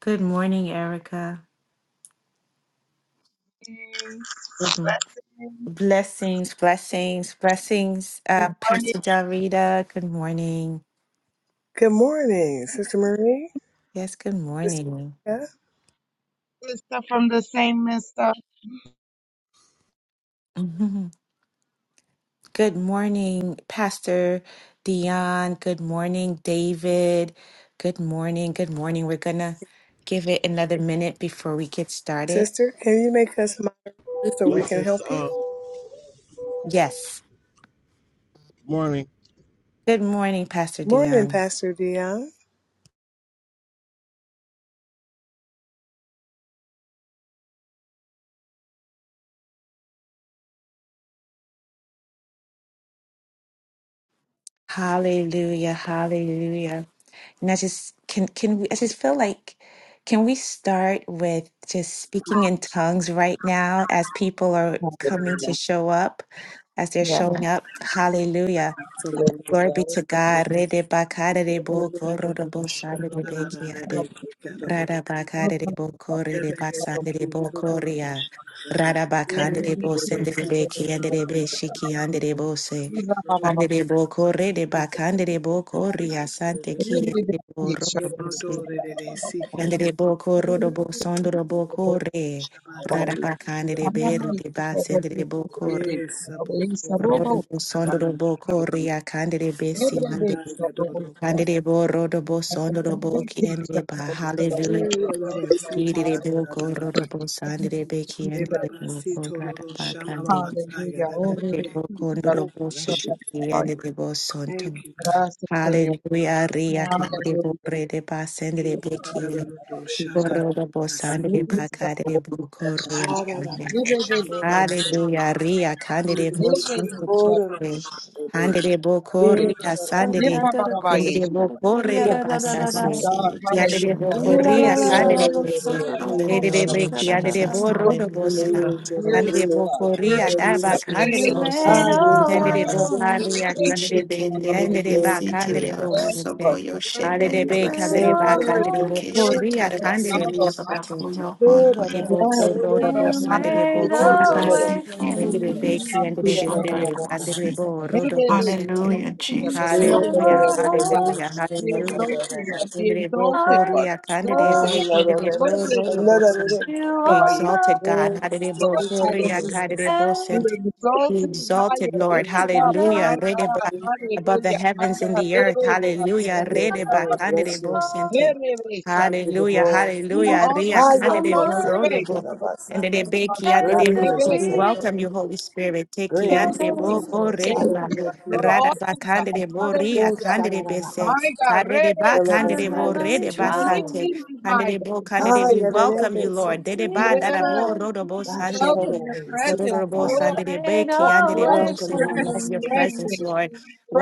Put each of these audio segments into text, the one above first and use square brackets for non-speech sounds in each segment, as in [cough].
Good morning, Erica. Blessings, Good m- blessings. Blessings, blessings, blessings. Good Uh, morning, Pastor Del Rita, good morning. Good morning, Sister Marie. Yes, good Sister, morning. Erica. sister from the same mister. Mhm. Good morning, Pastor Dion. Good morning, David. Good morning, good morning. We're going to give it another minute before we get started. Sister, can you make us money so we can Blessings. help you? Uh, good Yes. morning. Good morning, Pastor Morning, Dion. Pastor Dion. Hallelujah, hallelujah. And I just can can we I just feel like can we start with just speaking in tongues right now as people are coming to Hallelujah. show up, as they're Yeah. showing up. Hallelujah. Absolutely. Glory be to God. Rede bakare de bo goro de bo sande de be kiade. Rada bakare de bokore de basande de bokoria. Rada bakande de bosende de beki ande de beshiki ande de bose. Ande Hallelujah. de bokore de bakande de bokoria sante ki de borodo bose. Ande de bokoro do bosondo do bokore. Rada habari bakande de Panama beri de basende de ikitekeleza bokore. kabisa robo Rodo utapa bosondo do bokoria kande de besi ande. Ebrebetsa robusta, Yes, kande de borodo bosondo do boki ande ebrebetsa de ba. robusta, Hallelujah. Oh, bless Irere boko rorobo sandere beki andere boko rara bakande Hallelujah, oh andere boko rebetsa ndorobo you. shikiki robusta, andere bo sonto. Thank you, God. gracias Señor, Hallelujah, ria kandere bo Hallelujah, rede basendere beki rorobo sandere rebetsa bakadere boko ria. Everything is perfect. Hallelujah. Ria candide Everything motion for is perfect. Cuba. Everything is Handede boko perfect. ria sandede. Never, Yandede Barabayesh. boko re de My basandede. Jesus, God, you to show Yandede hallelujah. boko Oh, enjoyable ria baby. sins. candide bese. Edede Hallelujah, beki yandede Jesus. You boro want do to be Hallelujah, boska. God. worthy Handede of God, boko Oh, ria worthy of daba God. Jesus, we Worthy candide exalt of your bose. name, Handede God. Father. bosa ria Worthy Hallelujah. You candide shaken of beki. the God. Yandede baby, ba see till Kiri candide bose. Yes, Abaso, Lord, Koyo you're worthy, Shenda Handede be worthy, Yababase, candide ba worthy, candide boko Location worthy, ria Lord Tarabasi, candide God bose Almighty. Yababafuyo Hondo de Oh, Yes, boko Yabosi, rodo Lord bo sande de Almighty, boki Lord, we ande wait, Tarabasi, Lord, we Kiri rende wait, de Lord, we beki have Bibisi, ande de to de de de Shondo surrender de, to ande de it. bo Yababasi. We rodo bo wait, sente Lord, Hallelujah, we wait, Lord, there's Jesus. no one hallelujah like Hallelujah. you, God. hallelujah We hallelujah exalt you, Lord, we Bo exalt you, Lord, Korea, Kandide, exalted Be and high. Kandide, Bo Lord, we Rodo wait, Lord, we Bosan. wait, Be Lord, we wait, exalted, God. Hadide Bo Lord, Korea, hallelujah. Kandide Be Be exalted high exalted, and Lord. lifted up, my Hallelujah. Rede God, above the hallelujah, my heavens and God, the we earth. wait, Lord, we wait, Hallelujah. Rede Ba Lord. Kandide bless you. Yerebesha. Thank you, Hallelujah. Lord. Hallelujah. Ria Yeomenina. Higher Kandide Bo this, if Rodo you Bo. got a Yerebesha. And basa. the Be Yerebesha. Great Kiandide is Bo. your We Yerebesha. welcome faithfulness. you, Holy Spirit. Take Great Thank is your Kiandide you, Bo Jesus. Bo faithfulness. Thank you. Rede Lord. Ba. Hallelujah, You're Peter. Rada Ba awesome, God. Ria Oh, Hallelujah. Kandide Bese. My shadadadabas. God, Arede ba Your raise. loving kandede bo kindness rede is We ba more than lift sante. mine. you high, Kandede bo God. kandede. ah, We yeah, that Hallelujah. ain't welcome you, been Lord. said to Dede you. ba dada Yes. bo rodo We bo Thy sande shadow welcome ni. your that we seek our presence, Kororo bo God. Abba. sande Lord. de be Oh, kiande bo fresh, se. Welcome We your fresh, Holy love your Spirit. fresh presence, wind. Lord.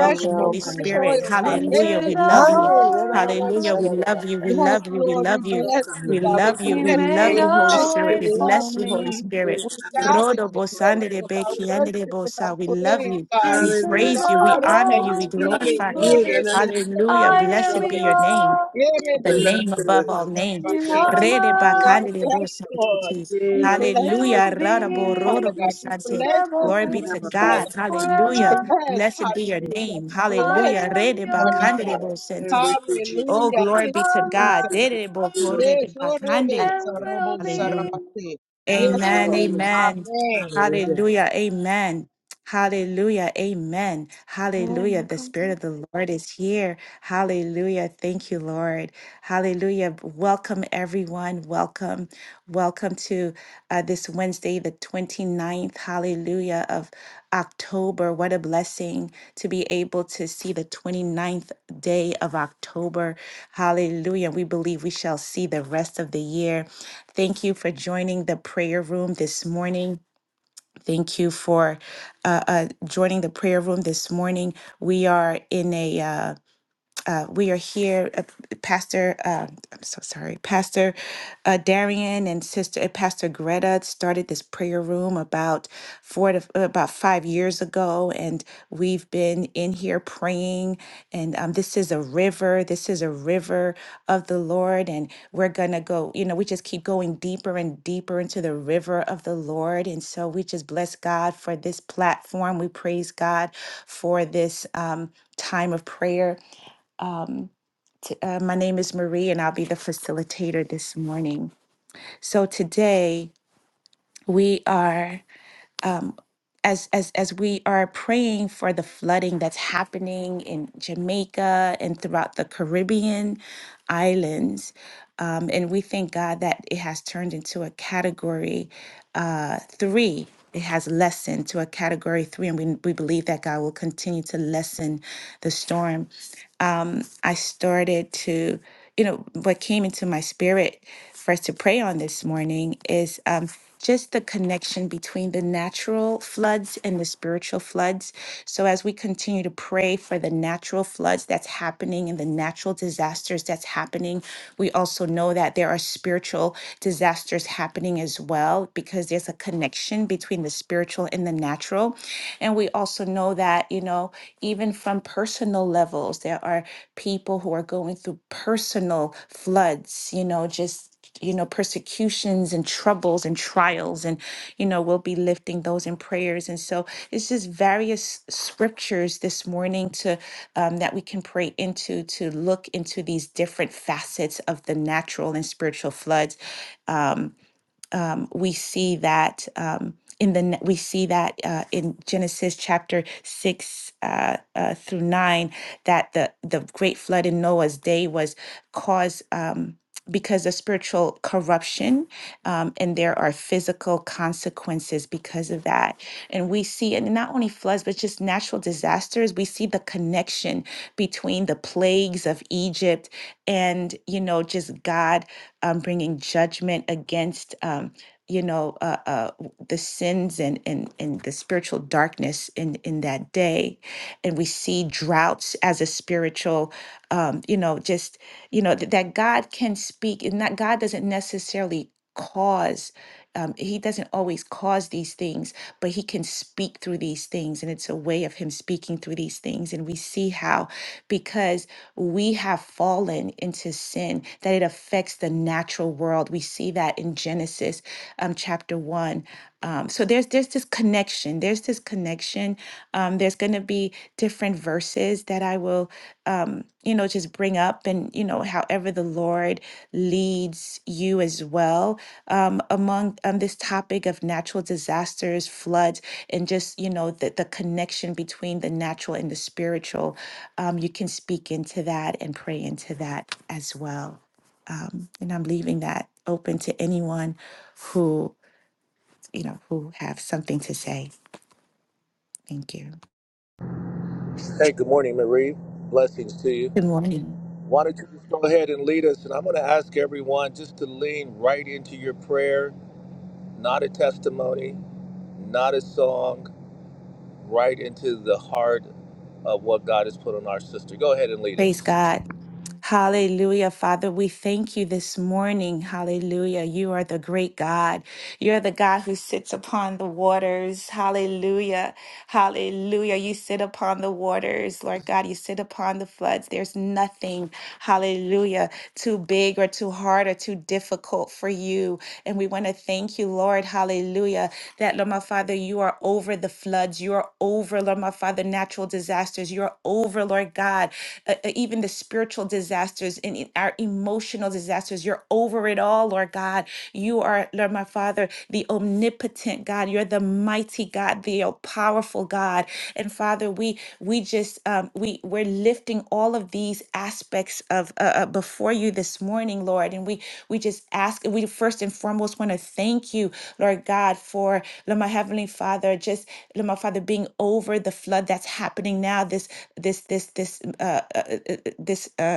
We wind, Holy welcome fresh your Spirit. Holy oil, God. Spirit. Hallelujah. We love Ah, you. yeah, yeah, that other Hallelujah. Raise. We shadow that love I you. We have. Yes, love you. We Lord, we love you. bless Welcome you, your We God. Holy We love you. Spirit. We bless you. love We Thank you, you, Holy bless Jesus. you. Spirit. We We love bless you, you, Holy God. Spirit. We Yes, lavish Rodo bo you, Lord, sande de with be our Abba. kiande worship, bo with our sa. We love praise, you. God, We Hallelujah. with a praise you. We're We heart of nothing honor you. We without you. Ah, thanksgiving. glorify you. Lord, yeah, we that other bless you. Lord, Hallelujah. we shadow Blessed be that bless we your you. have. Lord, name, we bless you. the We're name Lord, nothing above we without all you. Abba. names. Yeah, bless that other you. Rede My shadow God, bakande de bo yes, sante Lord. te. Be that blessed this Hallelujah. Rada morning, bo Father rodo we bo have. God. Be sante. blessed this Glory And be to have morning, our God. Father. being. Be Hallelujah. blessed, Blessed be your hallelujah. name. Be blessed Hallelujah. this Rede morning, bakande de God. bo sante. Thank you, Jesus. Oh, Hallelujah. glory Thank be to you, God. Jesus. Dede bo Hallelujah. Yes, korede oh, bakande. Rebe, Sarobo, Hallelujah. Sarabate. Yes, Amen. Lord. Hallelujah. Amen. Amen. Hallelujah. Hallelujah. Amen. Hallelujah. Amen. Hallelujah. The Spirit of the Lord is here. Hallelujah. Thank you, Lord. Hallelujah. Welcome, everyone. Welcome. Welcome to uh, this Wednesday, the 29th. Hallelujah. Of October. What a blessing to be able to see the 29th day of October. Hallelujah. We believe we shall see the rest of the year. Thank you for joining the prayer room this morning. Thank you for uh, uh, joining the prayer room this morning. We are in a uh, uh, we are here, uh, Pastor. Uh, I'm so sorry, Pastor uh, Darian and Sister uh, Pastor Greta started this prayer room about four to uh, about five years ago, and we've been in here praying. And um, this is a river. This is a river of the Lord, and we're gonna go. You know, we just keep going deeper and deeper into the river of the Lord, and so we just bless God for this platform. We praise God for this um, time of prayer. Um, t- uh, my name is Marie, and I'll be the facilitator this morning. So today we are, as as as we are praying for the flooding that's happening in Jamaica and throughout the Caribbean islands, um, and we thank God that it has turned into a category uh, three. It has lessened to a category three, and we, we believe that God will continue to lessen the storm I started to, you know, what came into my spirit for us to pray on this morning is um, just the connection between the natural floods and the spiritual floods. So, as we continue to pray for the natural floods that's happening and the natural disasters that's happening, we also know that there are spiritual disasters happening as well because there's a connection between the spiritual and the natural know. And we also know that, you know, even from personal levels, there are people who are going through personal floods, you know, just you know persecutions and troubles and trials and you know we'll be lifting those in prayers and so it's just various scriptures this morning to um, that we can pray into to look into these different facets of the natural and spiritual floods um, we see that um, in the ne- we see that uh, in Genesis chapter six uh, uh, through nine that the the great flood in Noah's day was caused. Um, because of spiritual corruption, um, and there are physical consequences because of that. And we see, and not only floods, but just natural disasters. We see the connection between the plagues of Egypt and, you know, just God um, bringing judgment against. Um, you know uh, uh, the sins and, and and the spiritual darkness in in that day and we see droughts as a spiritual um, you know just you know th- that god can speak and that god doesn't necessarily cause um, he doesn't always cause these things, but he can speak through these things. And it's a way of him speaking through these things. And we see how, because we have fallen into sin, that it affects the natural world. We see that in Genesis um, chapter 1. Um, so there's there's this connection. There's this connection. Um, there's going to be different verses that I will, um, you know, just bring up, and you know, however the Lord leads you as well um, among um, this topic of natural disasters, floods, and just you know the the connection between the natural and the spiritual. Um, you can speak into that and pray into that as well. Um, and I'm leaving that open to anyone who you know, who have something to say. Thank you. Hey, good morning, Marie. Blessings to you. Good morning. Why don't you just go ahead and lead us? And I'm going to ask everyone just to lean right into your prayer, not a testimony, not a song, right into the heart of what God has put on our sister. Go ahead and lead Praise us God. Hallelujah. Father, we thank you this morning. Hallelujah. You are the great God. You're the God who sits upon the waters. Hallelujah. Hallelujah. You sit upon the waters, Lord God. You sit upon the floods. There's nothing, hallelujah, too big or too hard or too difficult for you. And we want to thank you, Lord. Hallelujah. That, Lord, my Father, you are over the floods. You are over, Lord, my Father, natural disasters. You are over, Lord God, uh, uh, even the spiritual disasters disasters and in our emotional disasters. You're over it all, Lord God. You are, Lord my Father, the omnipotent God. You're the mighty God, the all powerful God. And Father, we we just um, we we're lifting all of these aspects of uh, uh, before you this morning, Lord. And we we just ask. We first and foremost want to thank you, Lord God, for Lord my heavenly Father, just Lord my Father being over the flood that's happening now. This this this this uh, uh, uh, uh, this. uh,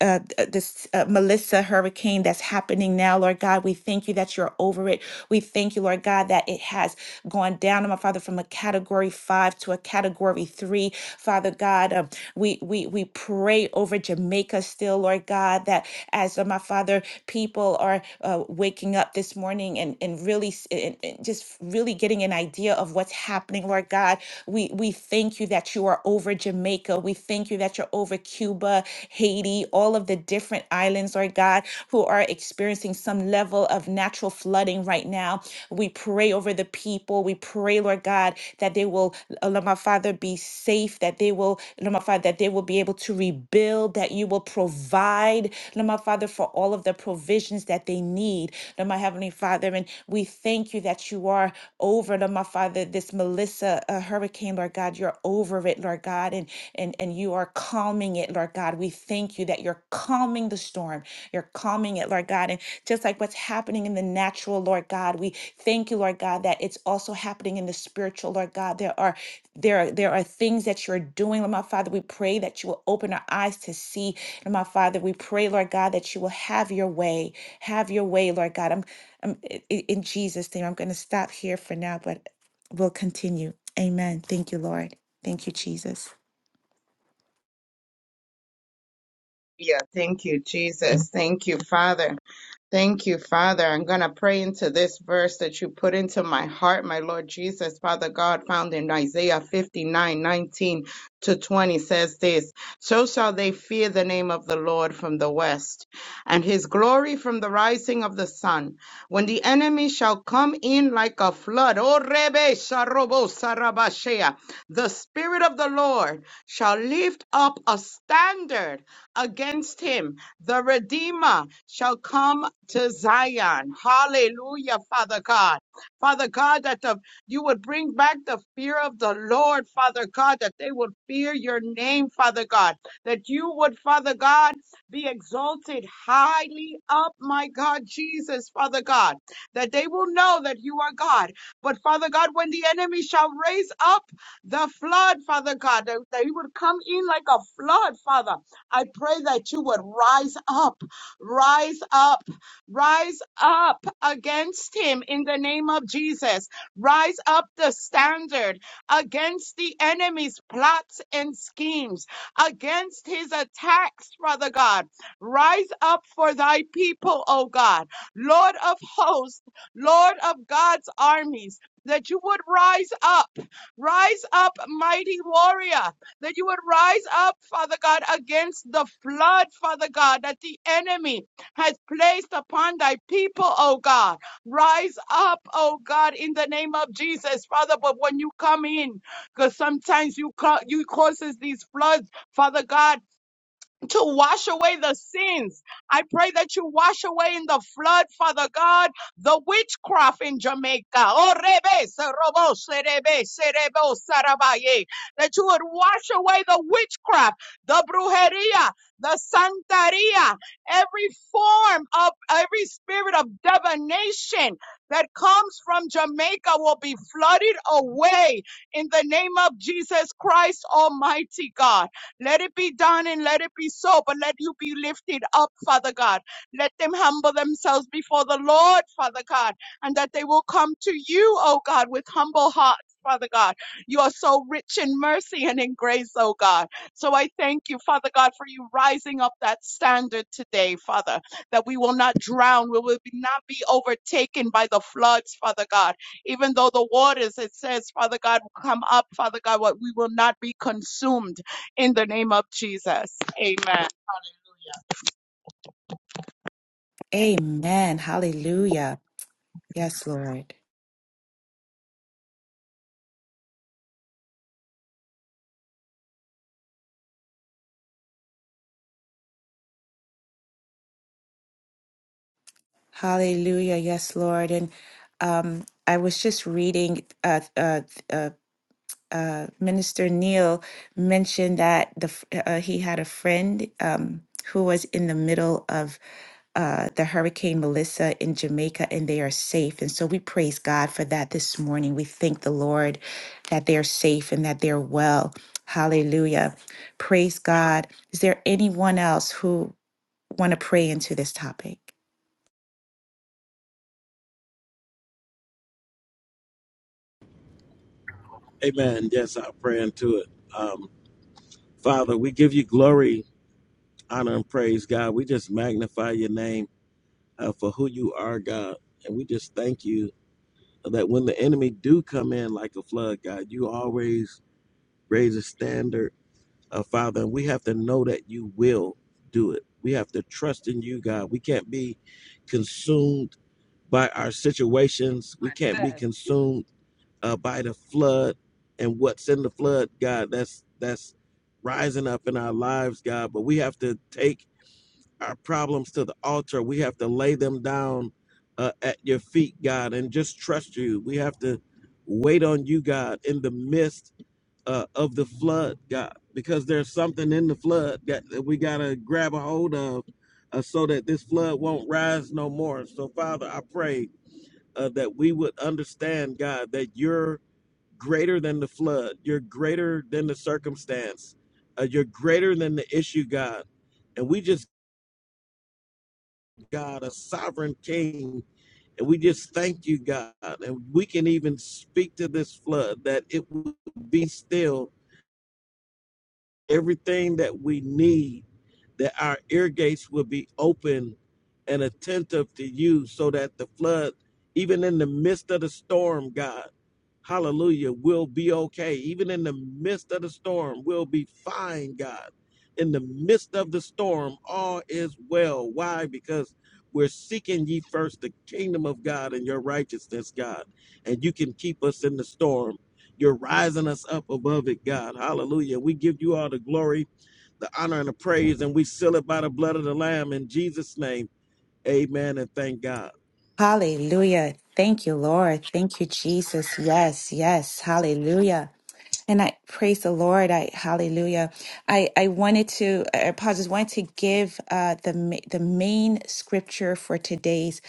uh, th- this uh, Melissa hurricane that's happening now, Lord God. We thank you that you're over it. We thank you, Lord God, that it has gone down, oh, my Father, from a category five to a category three. Father God, um, we, we, we pray over Jamaica still, Lord God, that as uh, my Father, people are uh, waking up this morning and, and really s- and, and just really getting an idea of what's happening, Lord God. We, we thank you that you are over over Jamaica. We thank you that you're over Cuba, Haiti, all of the different islands, Lord God, who are experiencing some level of natural flooding right now. We pray over the people. We pray, Lord God, that they will, uh, Lord my Father, be safe, that they will, Lord my Father, that they will be able to rebuild, that you will provide, Lord my Father, for all of the provisions that they need, Lord my Heavenly Father. And we thank you that you are over, Lord my Father. Father, this Melissa uh, hurricane, Lord God, you're over it, Lord God, and, and, and you are calming it, Lord God. We thank you that you're calming the storm. You're calming it, Lord God. And just like what's happening in the natural, Lord God, we thank you, Lord God, that it's also happening in the spiritual, Lord God. There are there are, there are things that you're doing, Lord my Father. We pray that you will open our eyes to see, Lord my Father. We pray, Lord God, that you will have your way, have your way, Lord God. I'm, I'm i- i- in Jesus' name. I'm going to stop here for now, but will continue. Amen. Thank you, Lord. Thank you, Jesus. Yeah, thank you, Jesus. Thank you, Father. Thank you, Father. I'm going to pray into this verse that you put into my heart, my Lord Jesus. Father God, found in Isaiah 59:19 to 20 says this So shall they fear the name of the Lord from the west, and his glory from the rising of the sun. When the enemy shall come in like a flood, O Rebe Sharobo Sarabashea, the Spirit of the Lord shall lift up a standard against him. The Redeemer shall come to Zion. Hallelujah, Father God. Father God, that the, you would bring back the fear of the Lord, Father God, that they would fear your name, Father God, that you would, Father God, be exalted highly up, my God, Jesus, Father God, that they will know that you are God. But Father God, when the enemy shall raise up the flood, Father God, that, that he would come in like a flood, Father, I pray that you would rise up rise up Rise up against him in the name of Jesus. Rise up the standard against the enemy's plots and schemes, against his attacks, Father God. Rise up for thy people, O God, Lord of hosts, Lord of God's armies. That you would rise up, rise up, mighty warrior, that you would rise up, Father God, against the flood, Father God, that the enemy has placed upon thy people, oh God. Rise up, oh God, in the name of Jesus, Father. But when you come in, because sometimes you ca- you causes these floods, Father God to wash away the sins. I pray that you wash away in the flood, Father God, the witchcraft in Jamaica. Oh, rebe, se robo, se rebe, se rebo, sarabaye. That you would wash away the witchcraft, the brujeria, the santeria, every form of every spirit of divination that comes from Jamaica will be flooded away in the name of Jesus Christ, Almighty God. Let it be done and let it be so, but let you be lifted up, Father God. Let them humble themselves before the Lord, Father God, and that they will come to you, O God, with humble hearts. Father God, you are so rich in mercy and in grace, O God. So I thank you, Father God, for you rising up that standard today, Father, that we will not drown, we will be- not be overtaken by the floods, Father God. Even though the waters, it says, Father God, will come up, Father God, what we will not be consumed in the name of Jesus. Amen. Amen. Hallelujah. Yes, Lord. Hallelujah. Yes, Lord. And um, I was just reading uh, uh, uh, uh, Minister Neal mentioned that the f- uh, uh, he had a friend um, who was in the middle of uh, the Hurricane Melissa in Jamaica, and they are safe. And so we praise God for that this morning. We thank the Lord that they are safe and that they're well. Hallelujah. Praise God. Is there anyone else who want to pray into this topic? Amen. Yes, I'll pray into it. Um, Father, we give you glory, honor, and praise, God. We just magnify your name uh, for who you are, God. And we just thank you that when the enemy do come in like a flood, God, you always raise a standard, uh, Father. And we have to know that you will do it. We have to trust in you, God. We can't be consumed by our situations. We can't be consumed uh, by the flood and what's in the flood, God. That's that's rising up in our lives, God. But we have to take our problems to the altar. We have to lay them down uh, at your feet, God, and just trust you. We have to wait on you, God, in the midst uh, of the flood, God, because there's something in the flood that, that we gotta grab a hold of. Uh, so that this flood won't rise no more. So, Father, I pray uh, that we would understand, God, that you're greater than the flood. You're greater than the circumstance. Uh, you're greater than the issue, God. And we just, God, a sovereign king. And we just thank you, God. And we can even speak to this flood that it will be still everything that we need that our ear gates will be open and attentive to you so that the flood, even in the midst of the storm, God, hallelujah, will be okay. Even in the midst of the storm, we'll be fine, God. In the midst of the storm, all is well. Why? Because we're seeking ye first the kingdom of God and your righteousness, God. And you can keep us in the storm. You're rising us up above it, God. Hallelujah. We give you all the glory the honor and the praise, and we seal it by the blood of the Lamb in Jesus' name. Amen. And thank God. Hallelujah. Thank you, Lord. Thank you, Jesus. Yes, yes. Hallelujah. And I praise the Lord. I hallelujah. I I wanted to I I just wanted to give uh the ma- the main scripture for today's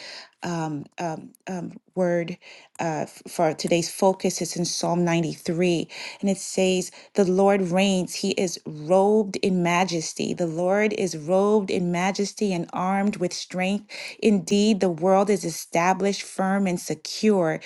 word uh, f- for today's focus is in Psalm 93. And it says, The Lord reigns. He is robed in majesty. The Lord is robed in majesty and armed with strength. Indeed, the world is established firm and secure.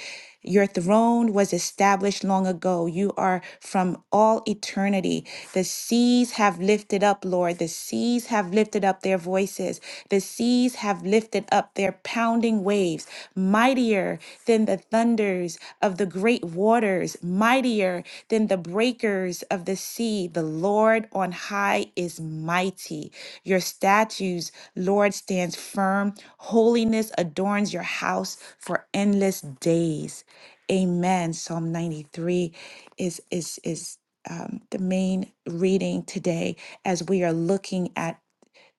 Your throne was established long ago. You are from all eternity. The seas have lifted up, Lord. The seas have lifted up their voices. The seas have lifted mountain up their pounding waves, mightier than the thunders of the great waters, mightier than the breakers of the sea. The Lord on high is mighty. Your statues, Lord, stands firm. Holiness adorns your house for endless days. Amen. Psalm 93 is is is um, the main reading today as we are looking at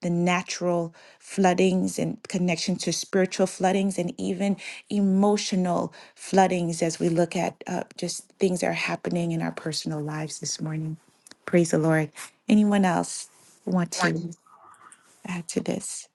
the natural floodings and connection to spiritual floodings and even emotional floodings as we look at uh, just things that are happening in our personal lives this morning. Praise the Lord. Anyone else want to add to this?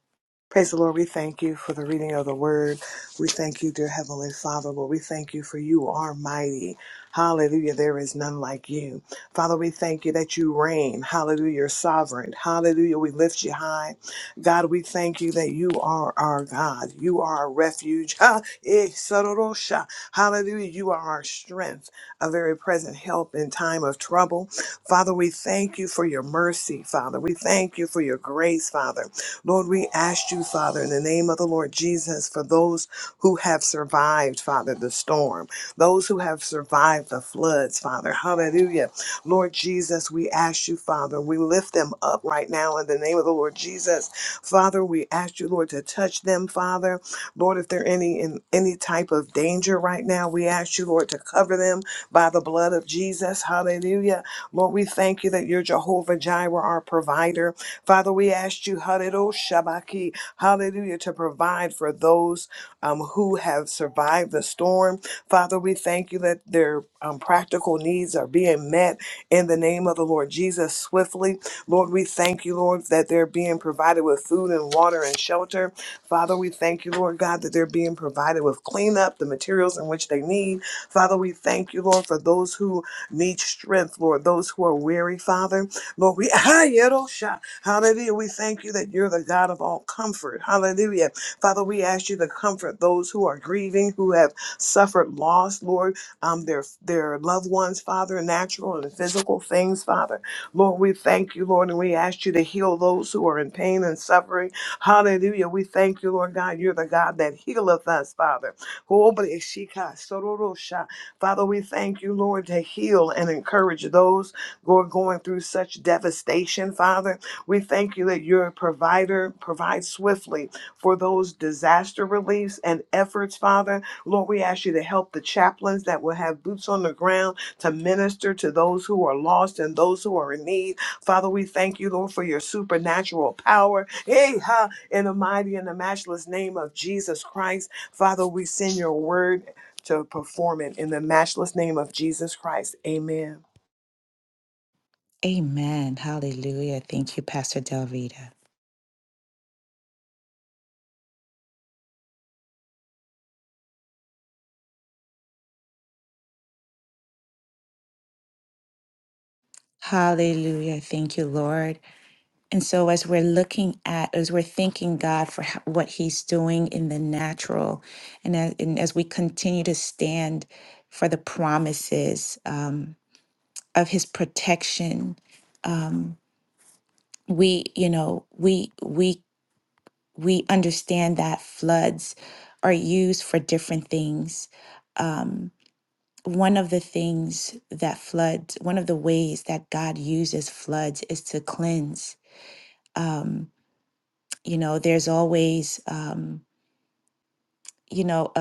Praise the Lord. We thank you for the reading of the word. We thank you, dear Heavenly Father. Lord, we thank you for you are mighty. Hallelujah. There is none like you. Father, we thank you that you reign. Hallelujah. You're sovereign. Hallelujah. We lift you high. God, we thank you that you are our God. You are our refuge. [laughs] Ha! Eh, sororosha. Hallelujah. You are our strength, a very present help in time of trouble. Father, we thank you for your mercy, Father. We thank you for your grace, Father. Lord, we ask you, Father, in the name of the Lord Jesus, for those who have survived, Father, the storm, those who have survived the floods, Father. Hallelujah. Lord Jesus, we ask you, Father, we lift them up right now in the name of the Lord Jesus. Father, we ask you, Lord, to touch them, Father. Lord, if they're any in any type of danger right now, we ask you, Lord, to cover them by the blood of Jesus. Hallelujah. Lord, we thank you that you're Jehovah Jireh, our provider. Father, we ask you, Hallelujah, Shabaki, Hallelujah, to provide for those um, who have survived the storm. Father, we thank you that their um, practical needs are being met in the name of the Lord Jesus swiftly. Lord, we thank you, Lord, that they're being provided with food and water and shelter. Father, we thank you, Lord God, that they're being provided with cleanup, the materials in which they need. Father, we thank you, Lord, for those who need strength, Lord, those who are weary, Father. Lord, we, [laughs] hallelujah, we thank you that you're the God of all comfort. Hallelujah. Father, we ask you to comfort those who are grieving, who have suffered loss, Lord, um, their, their loved ones, Father, natural and physical things, Father. Lord, we thank you, Lord, and we ask you to heal those who are in pain and suffering. Hallelujah. We thank you, Lord God. You're the God that healeth us, Father. Sororosha. Father, we thank you, Lord, to heal and encourage those who are going through such devastation, Father. We thank you that your provider provides swiftly for those disaster reliefs and efforts, Father. Lord, we ask you to help the chaplains that will have boots on the ground to minister to those who are lost and those who are in need. Father, we thank you, Lord, for your supernatural power. Hey, ha, in the mighty and the matchless name of Jesus Christ. Father, we send your word to perform it in the matchless name of Jesus Christ. Amen. Amen. Hallelujah. Thank you, Pastor Del Rita. Hallelujah. Thank you, Lord. And so, as we're looking at, as we're thanking God for ho- what He's doing in the natural, and as, and as we continue to stand for the promises um, of His protection, um, we, you know, we we we understand that floods are used for different things. One of the things that floods, one of the ways that God uses floods is to cleanse. Um, you know, there's always um, you know,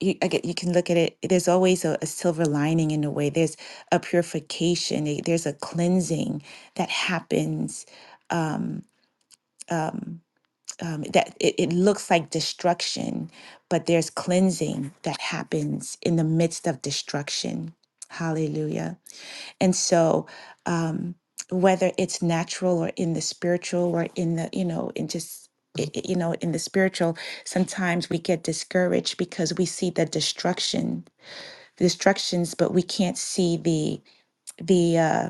you, I get, you can look at it. There's always a, a silver lining in a way. There's a purification. a- There's a cleansing that happens. Um, um, um, that it, it looks like destruction, but there's cleansing that happens in the midst of destruction. Hallelujah. And so, um, whether it's natural or in the spiritual or in the, you know, in just, i- i- you know, in the spiritual, sometimes we get discouraged because we see the destruction the destructions, but we can't see the the uh,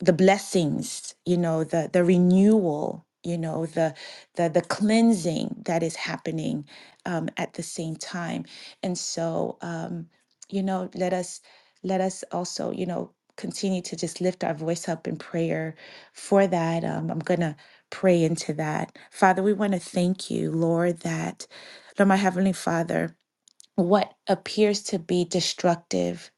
the blessings, you know, the the renewal, you know, the the the cleansing that is happening um, at the same time. And so, um, you know, let us let us also, you know, continue to just lift our voice up in prayer for that. Um, I'm gonna pray into that, Father. We want to thank you, Lord, that Lord, my heavenly Father what appears to be destructive,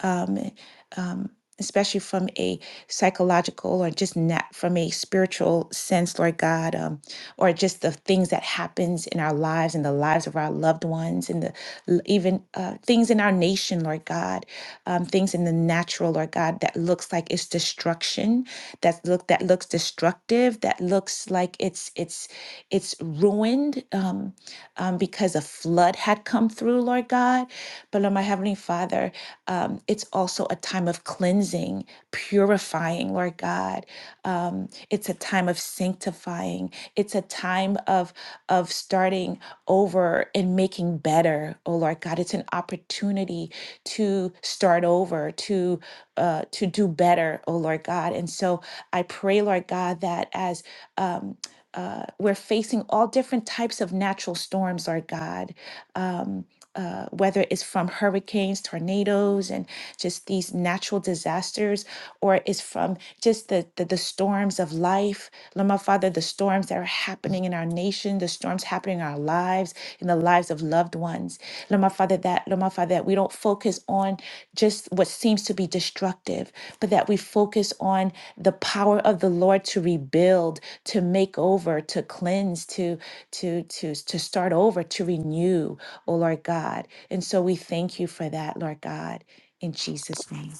um, um, especially from a psychological or just not from a spiritual sense, Lord God, um, or just the things that happens in our lives and the lives of our loved ones and the l- even uh, things in our nation, Lord God, um, things in the natural, Lord God, that looks like it's destruction, that look that looks destructive, that looks like it's it's it's ruined. Um, um, because a flood had come through, Lord God. But Lord, my Heavenly Father, um, it's also a time of cleansing, purifying, Lord God. Um, it's a time of sanctifying. It's a time of of starting over and making better, oh Lord God. It's an opportunity to start over, to uh, to do better, oh Lord God. And so I pray, Lord God, that as um, uh, we're facing all different types of natural storms, Lord God. Um, uh, whether it's from hurricanes, tornadoes, and just these natural disasters, or it's from just the, the, the storms of life. Lord, my Father, the storms that are happening in our nation, the storms happening in our lives, in the lives of loved ones. Lord, my Father, that, Lord, my Father, that we don't focus on just what seems to be destructive, but that we focus on the power of the Lord to rebuild, to make over, to cleanse, to to to to start over, to renew, oh Lord God. And so we thank you for that, Lord God, in Jesus' name.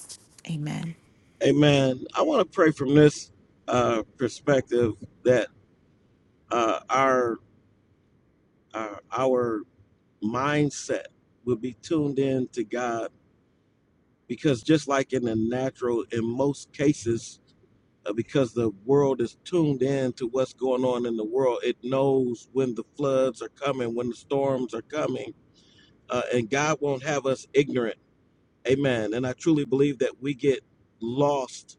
Amen. Amen. I want to pray from this uh, perspective that uh, our uh, our mindset will be tuned in to God because just like in the natural, in most cases, uh, because the world is tuned in to what's going on in the world, it knows when the floods are coming, when the storms are coming, uh, and God won't have us ignorant Amen. And I truly believe that we get lost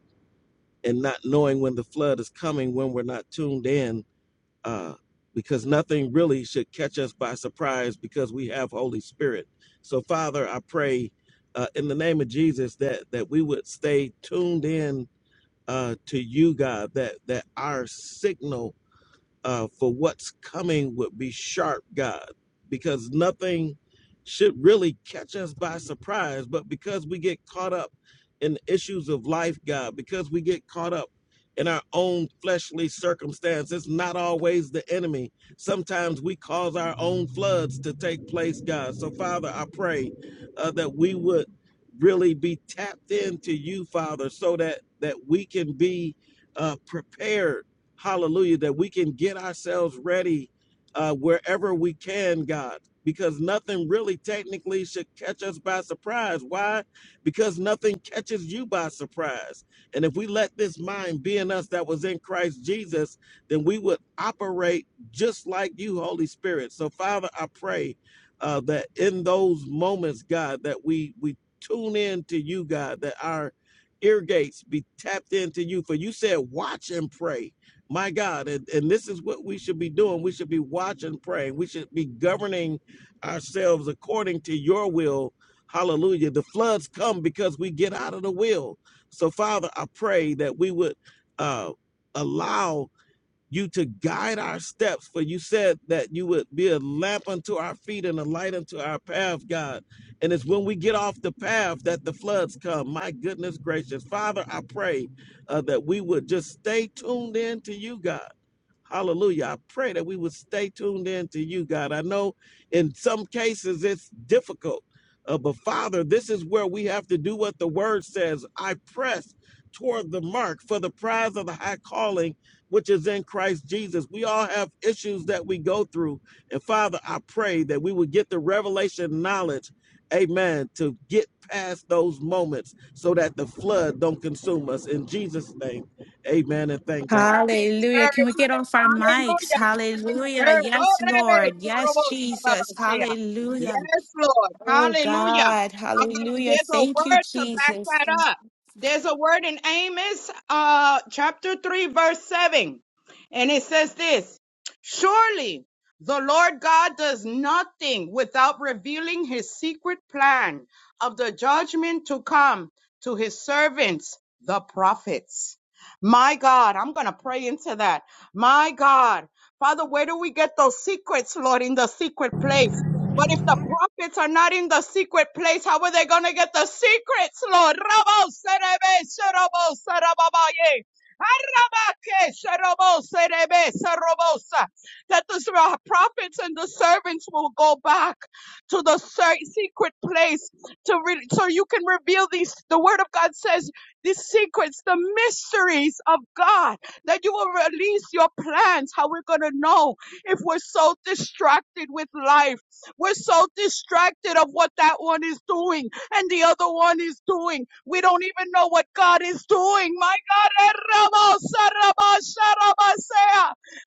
in not knowing when the flood is coming when we're not tuned in, uh, because nothing really should catch us by surprise because we have Holy Spirit. So, Father, I pray uh, in the name of Jesus that that we would stay tuned in uh, to you, God. That that our signal uh, for what's coming would be sharp, God, because nothing should really catch us by surprise. But because we get caught up in the issues of life, God, because we get caught up in our own fleshly circumstance, it's not always the enemy. Sometimes we cause our own floods to take place, God. So, Father, I pray uh, that we would really be tapped into you, Father, so that that we can be uh, prepared hallelujah, that we can get ourselves ready uh, wherever we can, God, because nothing really technically should catch us by surprise. Why? Because nothing catches you by surprise. And if we let this mind be in us that was in Christ Jesus, then we would operate just like you, Holy Spirit. So, Father, I pray uh, that in those moments, God, that we we tune in to you, God, that our ear gates be tapped into you. For you said, watch and pray my God, and, and this is what we should be doing. We should be watching, praying. We should be governing ourselves according to your will. Hallelujah. The floods come because we get out of the will. So, Father, I pray that we would uh, allow you to guide our steps. For you said that you would be a lamp unto our feet and a light unto our path, God. And it's when we get off the path that the floods come. My goodness gracious. Father, I pray uh, that we would just stay tuned in to you, God Hallelujah. I pray that we would stay tuned in to you, God. I know in some cases it's difficult, uh, but Father, this is where we have to do what the word says. I press toward the mark for the prize of the high calling, which is in Christ Jesus. We all have issues that we go through. And Father, I pray that we would get the revelation knowledge, amen, to get past those moments so that the flood don't consume us. In Jesus' name, amen, and thank God, you God. can be Hallelujah. heard. Can we get off our mics? Hallelujah. You can be Hallelujah. heard. Oh, Yes, baby. Lord. Yes, Jesus. Hallelujah. Yes, Lord. Oh, Hallelujah. God. I got Hallelujah. there's a Thank you, word to back Jesus. that up. There's a word in Amos uh chapter 3 verse 7. And it says this, surely the Lord God does nothing without revealing his secret plan of the judgment to come to his servants, the prophets. My God, I'm going to pray into that. My God, Father, where do we get those secrets, Lord, in the secret place? But if the prophets are not in the secret place, how are they going to get the secrets, Lord? Rabo serebe serobo sarababaye. Arabake serobo serebe serobosa. That the prophets and the servants will go back to the cer- secret place to re- so you can reveal these. The word of God says these secrets, the mysteries of God, that you will release your plans, how we're going to know if we're so distracted with life we're so distracted of what that one is doing and the other one is doing. We don't even know what God is doing. My God,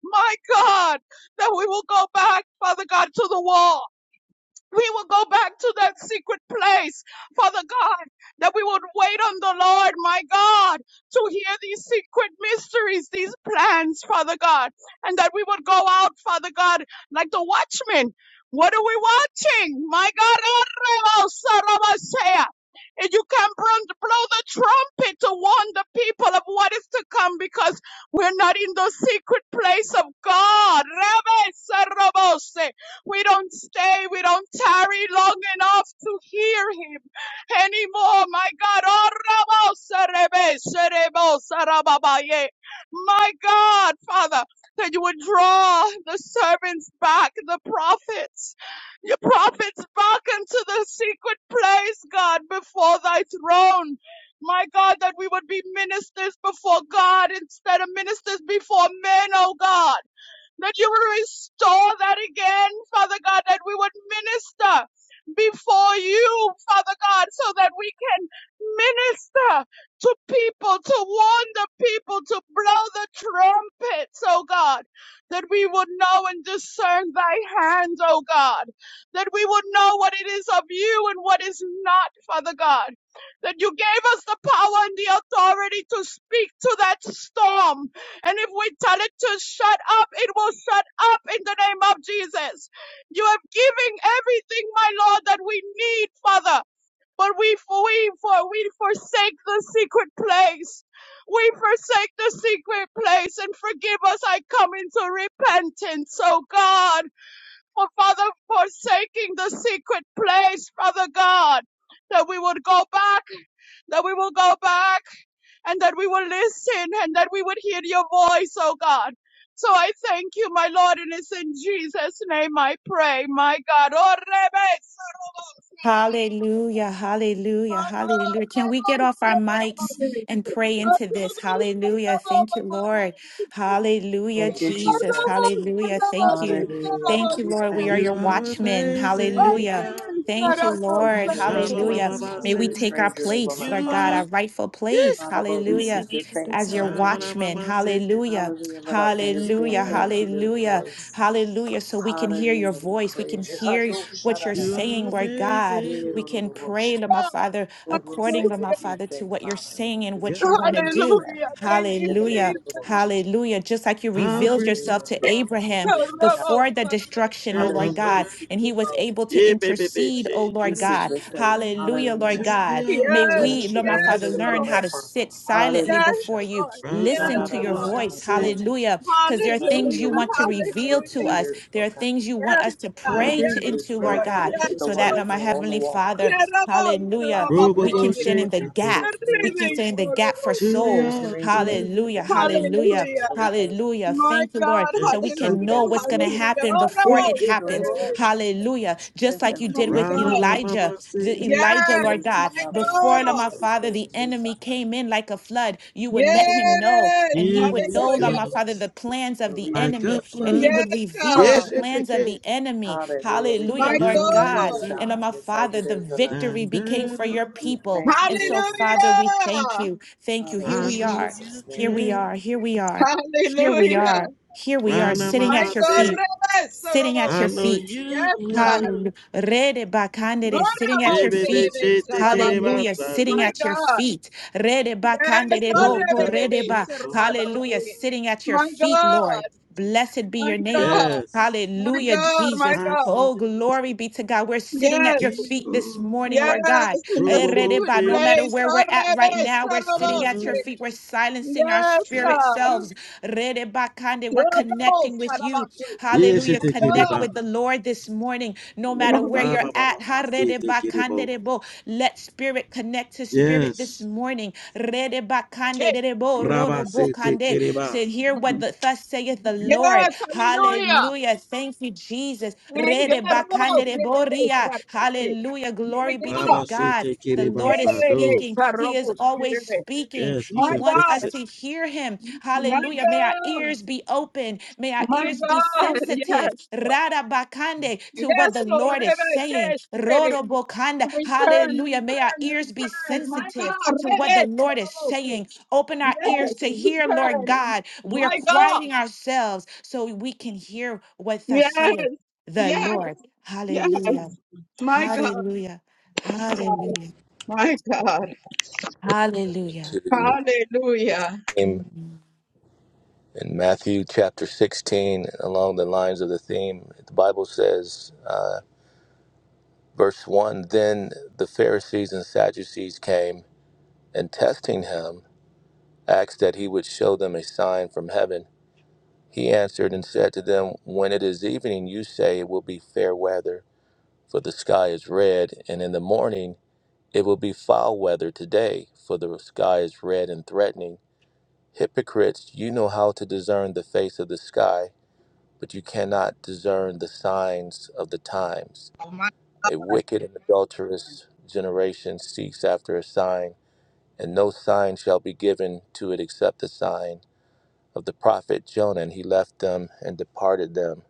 my God, that we will go back, Father God, to the wall we will go back to that secret place, Father God, that we would wait on the Lord, my God, to hear these secret mysteries, these plans, Father God, and that we would go out, Father God, like the watchman. What are we watching? My God, and you can blow blow the trumpet to warn the people of what is to come because we're not in the secret place of God. Rebe Sarabose. We don't stay. We don't tarry long enough to hear him anymore. My God. Oh, Rabo Serebe Serebo My God, Father, that you would draw the servants back, the prophets, your prophets back into the secret place, God, before thy throne. My God, that we would be ministers before God instead of ministers before men, oh God that you will restore that again, Father God, that we would minister before you, Father God, so that we can minister to people, to warn the people, to blow the trumpets, oh God, that we would know and discern thy hands, oh God, that we would know what it is of you and what is not, Father God, that you gave us the power and the authority to speak to that storm, and if we tell it to shut up, it will shut up in the name of Jesus. You have given everything, my Lord, that we need, Father. But we, we, for, we forsake the secret place. We forsake the secret place and forgive us. I come into repentance, oh God, for Father forsaking the secret place, Father God, that we would go back that we will go back and that we will listen and that we would hear your voice, oh God. So I thank you, my Lord, and it's in Jesus' name I pray, my God. Oh, Rebe, Hallelujah, hallelujah, hallelujah. Can we get off our mics and pray into this? Hallelujah. Thank you, Lord. Hallelujah, Thank you, Jesus. Jesus. Hallelujah. Thank you. Hallelujah. Thank Well, you, We Lord. We thank are you, your You Lord are God. watchmen. amazing, Hallelujah. God. The Thank you, watchman Lord. in your Rabba Baba Hallelujah. voice, Baba May Father, said, and we the take our stranger they will place, not Lord You God, follow. are. our rightful Yeah. place. Father, Lord, we Hallelujah. seek your face. As your Rabba Hallelujah. Baba watchmen. Baba said, Hallelujah. Hallelujah. Let our ears be Hallelujah. You attentive are. to your Hallelujah. voice. Hallelujah. So we can hear your Hallelujah. We voice. We can praise you. [laughs] hear what you're You Ha-do-sha-da-da-da. saying, are Lord God. amazing, We can pray, Ye-do-do-do-do-sha. Lord my Father, Lord, we'll say according, Lord my what you Father, say, to what you're Father, and saying and we'll do God. what you what want to you do. Hallelujah. direct Thank you, in the name Hallelujah. of the Lord Jesus. Hallelujah. Just like you I'll revealed bring my yourself Hallelujah. to We heart thank Abraham you, Lord God. before the destruction, oh Jesus. and my Lord Hallelujah. We God, mind. seek and he your was [laughs] face. able to Yeah, baby, baby, intercede, oh shit. We Lord seek God. your face. Hallelujah, Lord Hallelujah. To God. the May Yes, And a we, altar. Lord my yes, Father, stranger we learn will not how Lord. to follow. sit silently Yes, Hallelujah. before you, Lord. Da, Rabba listen da, Yes, to da, Baba your da, da, da, Lord. Baba voice. my said, boy. Hallelujah because there are things Hallelujah. you Hallelujah. We want to thank you for reveal the to Hallelujah. us. leaders, There are oh God. things you want Yes, us to God. I'll pray Thank bring to, Yes, my you, into, Lord Jesus, Lord. pride God, and Yes, that my the so that, Lord. tears. Lord, my watchmen are on the Heavenly wall, Father, God. hallelujah, Father, we Robo we thank Bo can you, stand said, in Lord the God, that they're To gap. We hearing can the Everything, stand in the voice. Lord. gap for the They're souls. hearing altar. direction. Hallelujah, They're hearing the hallelujah, word. Hallelujah. Father, we thank you. hallelujah. My Thank you, Lord. God. So we Yes. can Hallelujah. know Strengthen what's the going to leaders, Hallelujah. happen Oh, no. before it happens. God. Hallelujah. Just like Strengthen you My the did with leaders. Rana God. Elijah Mama the said, Elijah, Lord Hallelujah. Yes, my God. Father, God Before, Lord Almighty, God. my Father, sustain the you, enemy Father. came in like a flood, you would Come let him against know, Yes. and he would In it know, Lord deception my Hallelujah. Father, comes the plans of and the like a enemy, leadership in the and he flood. name of would Yes, Jesus. reveal God. the Yes, it's a plans of kid. the enemy. Hallelujah. We Hallelujah, My thank Lord you, You're that God. God. you're raising And Lord God. my and Beside Father, you, the there's none other. victory became standard for up. your We people. thank you, And so, Lord God. Father, we thank Hallelujah. you. Thank you. Hallelujah, Here I we In know are. Jesus' you Here name. we can. are. Here we are. Here we Hallelujah. are. Here we are Rana sitting My at mama your God. said, feet. Rebe Sitting at I your Sorobosi. know feet you Yes, God. Hallelujah. will. Rede bakandere, Sitting at your Baby Horobosi bitch, feet. Rebe shit, take it Sarabaye. about Hallelujah. Sitting My do. at your God. feet. Rede Yes, bakandere oh, bo- The bo- Rebe doubt Rebe rede ba. knocks on I Hallelujah. do. Sarabaye. Sitting at your My feet, Lord. God. Blessed be My your name. God. Yes, My Hallelujah, God. My Jesus. I've God. seen Oh, it glory be to God. We're sitting at Yes. your feet this before. morning, Yes. Lord God. In the Robo secret Erediba, No said, matter place. where Oh, we're at Rebe right now, we're I sitting know at your Sorobosi. you feet. We're silencing our Yes, spirit can. God. selves. Erediba kande, We're connecting Sorobosi with you. Sarabagi. Yes, she Hallelujah. My take it God. Connect about. with the Lord this morning, no matter where Ra you're ba ba at. ba ba, see take Erediba it kande about. debo. Let spirit connect to spirit Yes. this morning. Erediba Okay. kande debo, rodo Rabba bo sete kande. kereba. Said here hear what the, thus saith the Lord. Yes, hallelujah. Hallelujah. Thank you, Jesus. My Rede God. My bakande boria. God. Hallelujah. Glory be to Rabba God. sete The kereba Lord is sado. speaking. He is always speaking. Yes, you He can wants fix us it. to hear Him. Hallelujah. May our ears be open. May My God. our My ears be God. sensitive. Yes. Rada bakande to what Yes, the Lord. Lord is saying. Rodo bokanda. Return, Hallelujah. May our return, ears be return. My sensitive God. to what the Yes, Lord is saying. Open our ears to hear, Lord return. God. We are My God. quieting ourselves so we can hear what thus Yes, saith the yes, Lord. yes. Hallelujah. My God. Hallelujah. Hallelujah. My God. Hallelujah. to Hallelujah. him Mm-hmm. in Matthew chapter 16, along the lines of the theme. The Bible says, uh, verse 1 Then the Pharisees and Sadducees came and testing him asked that he would show them a sign from heaven. He answered and said to them, When it is evening, you say it will be fair weather, for the sky is red, and in the morning it will be foul weather today, for the sky is red and threatening. Hypocrites, you know how to discern the face of the sky, but you cannot discern the signs of the times. A wicked and adulterous generation seeks after a sign, and no sign shall be given to it except the sign of the prophet Jonah, and he left them and departed them.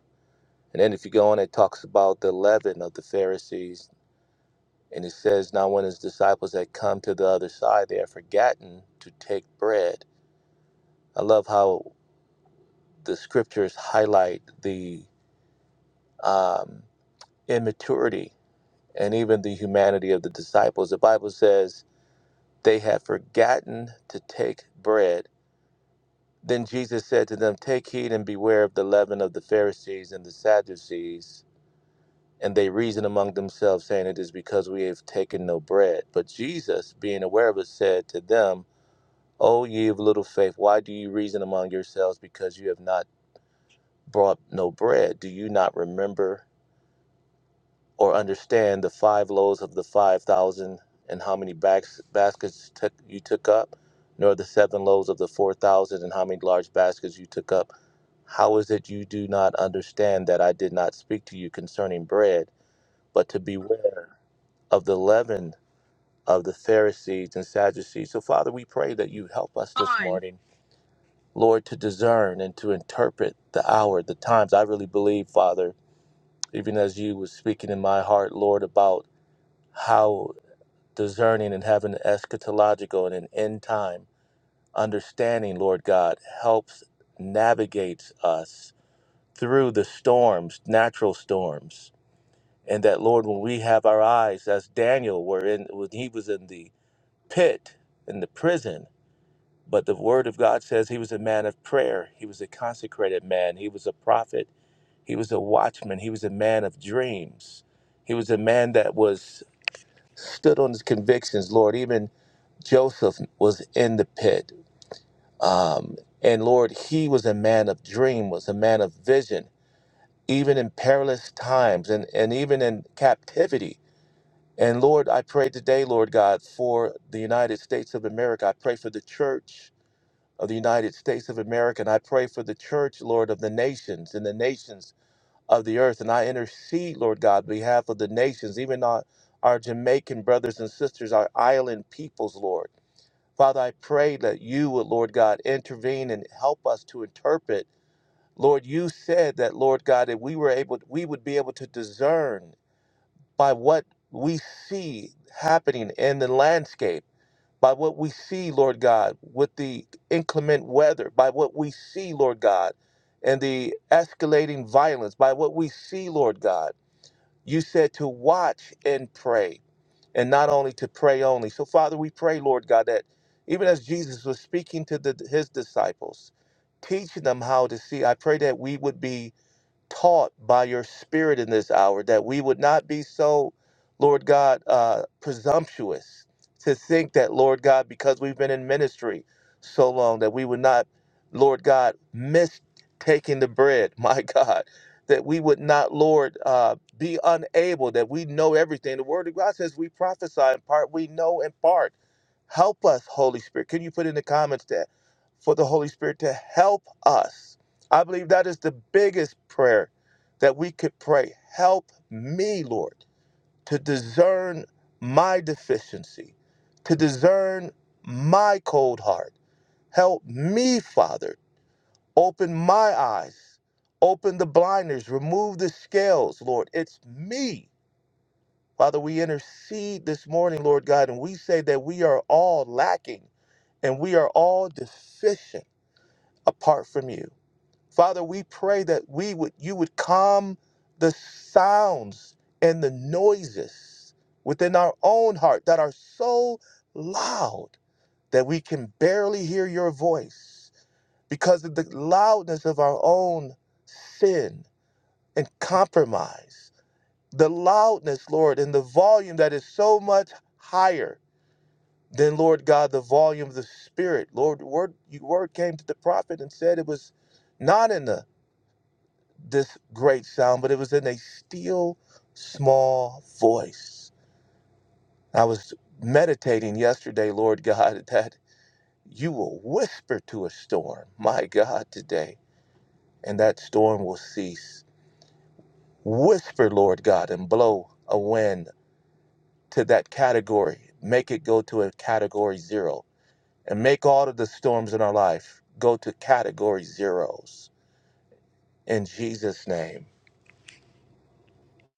And then if you go on, it talks about the leaven of the Pharisees, and it says, Now when his disciples had come to the other side, they had forgotten to take bread. I love how the scriptures highlight the um, immaturity and even the humanity of the disciples. The Bible says they had forgotten to take bread. Then Jesus said to them, Take heed and beware of the leaven of the Pharisees and the Sadducees. And they reasoned among themselves, saying, It is because we have taken no bread. But Jesus, being aware of it, said to them, O ye of little faith, why do you reason among yourselves because you have not brought no bread? Do you not remember or understand the five loaves of the five thousand, and how many backs, baskets took, you took up? Nor the seven loaves of the four thousand, and how many large baskets you took up? How is it you do not understand that I did not speak to you concerning bread, but to beware? of the leaven of the Pharisees and Sadducees. So, Father, we pray that you help us this morning, Lord, to discern and to interpret the hour, the times. I really believe, Father, even as you was speaking in my heart, Lord, about how discerning and having an eschatological and an end time understanding, Lord God, helps navigates us through the storms, natural storms. And that Lord, when we have our eyes, as Daniel were in when he was in the pit in the prison, but the word of God says he was a man of prayer. He was a consecrated man. He was a prophet. He was a watchman. He was a man of dreams. He was a man that was stood on his convictions, Lord. Even Joseph was in the pit. Um, and Lord, he was a man of dream, was a man of vision, even in perilous times and, and even in captivity. And Lord, I pray today, Lord God, for the United States of America. I pray for the church. of the United States of America. And I pray for the church, Lord, of the nations and the nations of the earth. And I intercede, Lord God, on behalf of the nations, even our, our Jamaican brothers and sisters, our island peoples, Lord. Father, I pray that you would, Lord God, intervene and help us to interpret. Lord, you said that, Lord God, that we were able, we would be able to discern by what we see happening in the landscape by what we see, Lord God, with the inclement weather, by what we see, Lord God, and the escalating violence, by what we see, Lord God. You said to watch and pray, and not only to pray only. So, Father, we pray, Lord God, that even as Jesus was speaking to the, his disciples, teaching them how to see, I pray that we would be taught by your spirit in this hour that we would not be so, Lord God, uh, presumptuous to think that, Lord God, because we've been in ministry so long, that we would not, Lord God, miss taking the bread, [laughs] my God, that we would not, Lord, uh, be unable, that we know everything. The Word of God says we prophesy in part, we know in part. Help us, Holy Spirit. Can you put in the comments that for the Holy Spirit to help us? I believe that is the biggest prayer that we could pray. Help me, Lord, to discern my deficiency, to discern my cold heart. Help me, Father. Open my eyes, open the blinders, remove the scales, Lord. It's me. Father, we intercede this morning, Lord God, and we say that we are all lacking and we are all deficient apart from you. Father, we pray that we would you would calm the sounds and the noises within our own heart that are so loud that we can barely hear your voice because of the loudness of our own sin and compromise. The loudness, Lord, and the volume that is so much higher than, Lord God, the volume of the Spirit. Lord, word, your word came to the prophet and said it was not in the this great sound, but it was in a still, small voice. I was meditating yesterday, Lord God, [laughs] that you will whisper to a storm, my God, today, and that storm will cease. Whisper, Lord God, and blow a wind to that category. Make it go to a category zero, and make all of the storms in our life go to category zeros. In Jesus' name.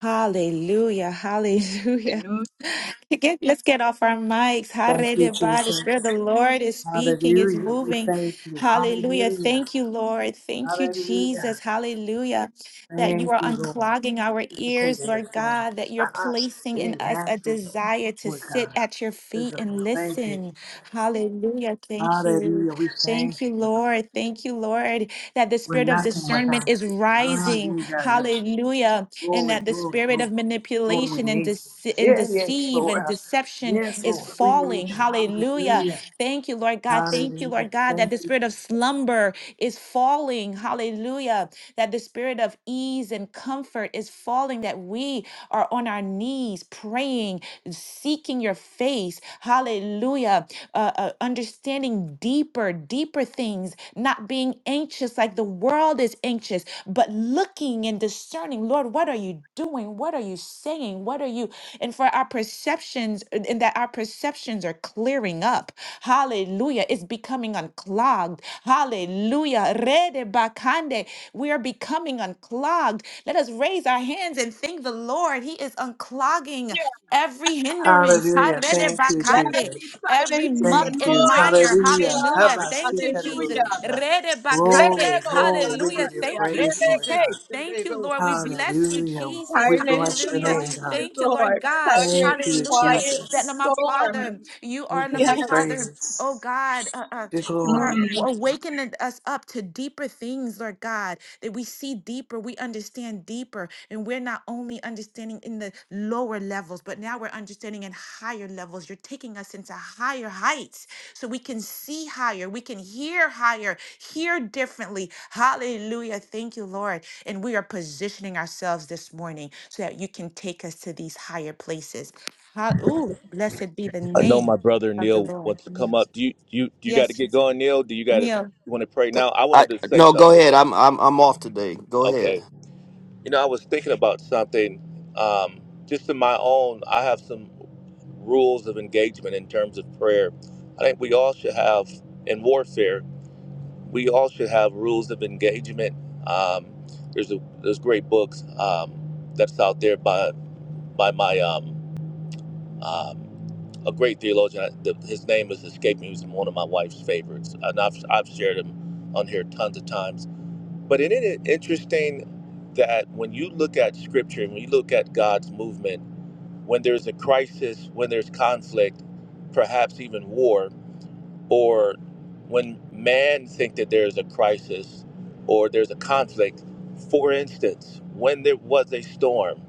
Hallelujah. Hallelujah. Hallelujah. [laughs] Get- let's get off our mics. Thank you, Hallelujah. the Jesus. Spirit of the Lord is speaking, is Hallelujah. We moving. thank you. Hallelujah. Hallelujah. Thank you, Lord. Thank you, Jesus. Hallelujah. Hallelujah. That you Thank are you, Lord. unclogging our ears, Dissipating the Lord storm. God, that you're Uh-uh. placing in It's us a natural, desire to Lord sit God. at your feet Physical. and Thank you, listen. Jesus. Hallelujah. Thank you. Hallelujah. We thank Thank you. you, God. Lord. Thank you, Lord, that the We're spirit of nothing discernment without is you. Ah, rising. you got it. Hallelujah and Glory, that the glory, spirit glory. of Lord, we manipulation and, need dece- you. and Yeah, yes, deceive Lord. and Uh, deception Yes, is Lord, we falling. need you. Hallelujah. Hallelujah. Thank you, Lord God. Thank you, Hallelujah. Lord God, that Thank the you. spirit of Jesus. slumber is falling. Hallelujah that the spirit of ease and comfort is falling, that we are on our knees praying, seeking your face. Hallelujah. Uh, uh, understanding deeper, deeper things, not being anxious like the world is anxious, but looking and discerning, Lord, what are you doing? What are you saying? What are you? And for our perceptions, uh, and that our perceptions are clearing up. Hallelujah. It's becoming unclogged. Hallelujah. Rede bakande. We are becoming unclogged. Let us raise our hands and thank the Lord. He is unclogging every hindrance. Hallelujah. Harede Thank you, Yes, bakande, Jesus. he's Every silencing muck the Thank you. and noise. mire. My Hallelujah. Hallelujah. God. Thank you, Jesus. Hallelujah. Habasikarorosha. Rede bakande. Glory, Rebo, glory. We Hallelujah. give you Sarabashea, Thank you, praise, Lord Jesus. Rebeke, God. Thank Rebo. you, Lord. We bless you, Hallelujah. Jesus. We Silence bless the your Hallelujah. name, God. noises, Thank you, Lord Lord. God. Thank Silence, you, Hallelujah. quiet the That Lord, Jesus. my storm. Father, you We are Lord, give my you Father. praise. Oh God, uh, uh, the you glory. are Yes. awakening us up to deeper things, Lord God that we see deeper, we understand deeper, and we're not only understanding in the lower levels, but now we're understanding in higher levels. You're taking us into higher heights so we can see higher, we can hear higher, hear differently. Hallelujah. Thank you, Lord. And we are positioning ourselves this morning so that you can take us to these higher places. Ha- Ooh, blessed be the I know name my brother of the Neil Lord. wants to come Yes, up. Do you Do you do you got to yes, get going, Neil? Do you got to Neil. you want to pray now? I I wanted to say no, go something, ahead. but I'm I'm I'm off today. Go ahead. okay. You know, I was thinking about something. Um, just in my own, I have some rules of engagement in terms of prayer. I think we all should have in warfare. We all should have rules of engagement. Um, there's a, there's great books um, that's out there by by my um, Um, a great theologian. I, The, his name is escaping. me. He was one of my wife's favorites, and I've I've shared him on here tons of times. But isn't it interesting that when you look at Scripture and when you look at God's movement, when there's a crisis, when there's conflict, perhaps even war, or when man think that there's a crisis or there's a conflict, for instance, when there was a storm,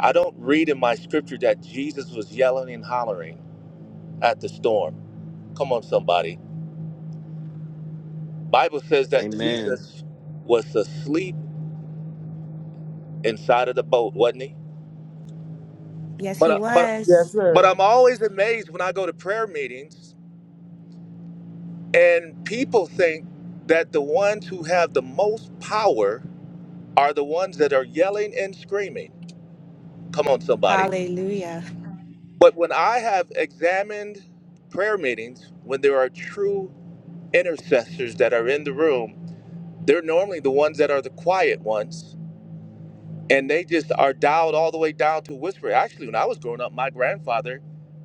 I don't read in my Scripture that Jesus was yelling and hollering. at the storm. Come on, somebody. Bible says that Amen. Jesus was asleep inside of the boat, wasn't he? Yes, But he uh, but Yes, was. but sir. I'm always amazed when I go to prayer meetings and people think that the ones who have the most power are the ones that are yelling and screaming. Come on, somebody. Hallelujah. [laughs] But when I have examined prayer meetings, when there are true intercessors that are in the room, they're normally the ones that are the quiet ones and they just are dialed all the way down to a whisper. Actually, when I was growing up, my grandfather,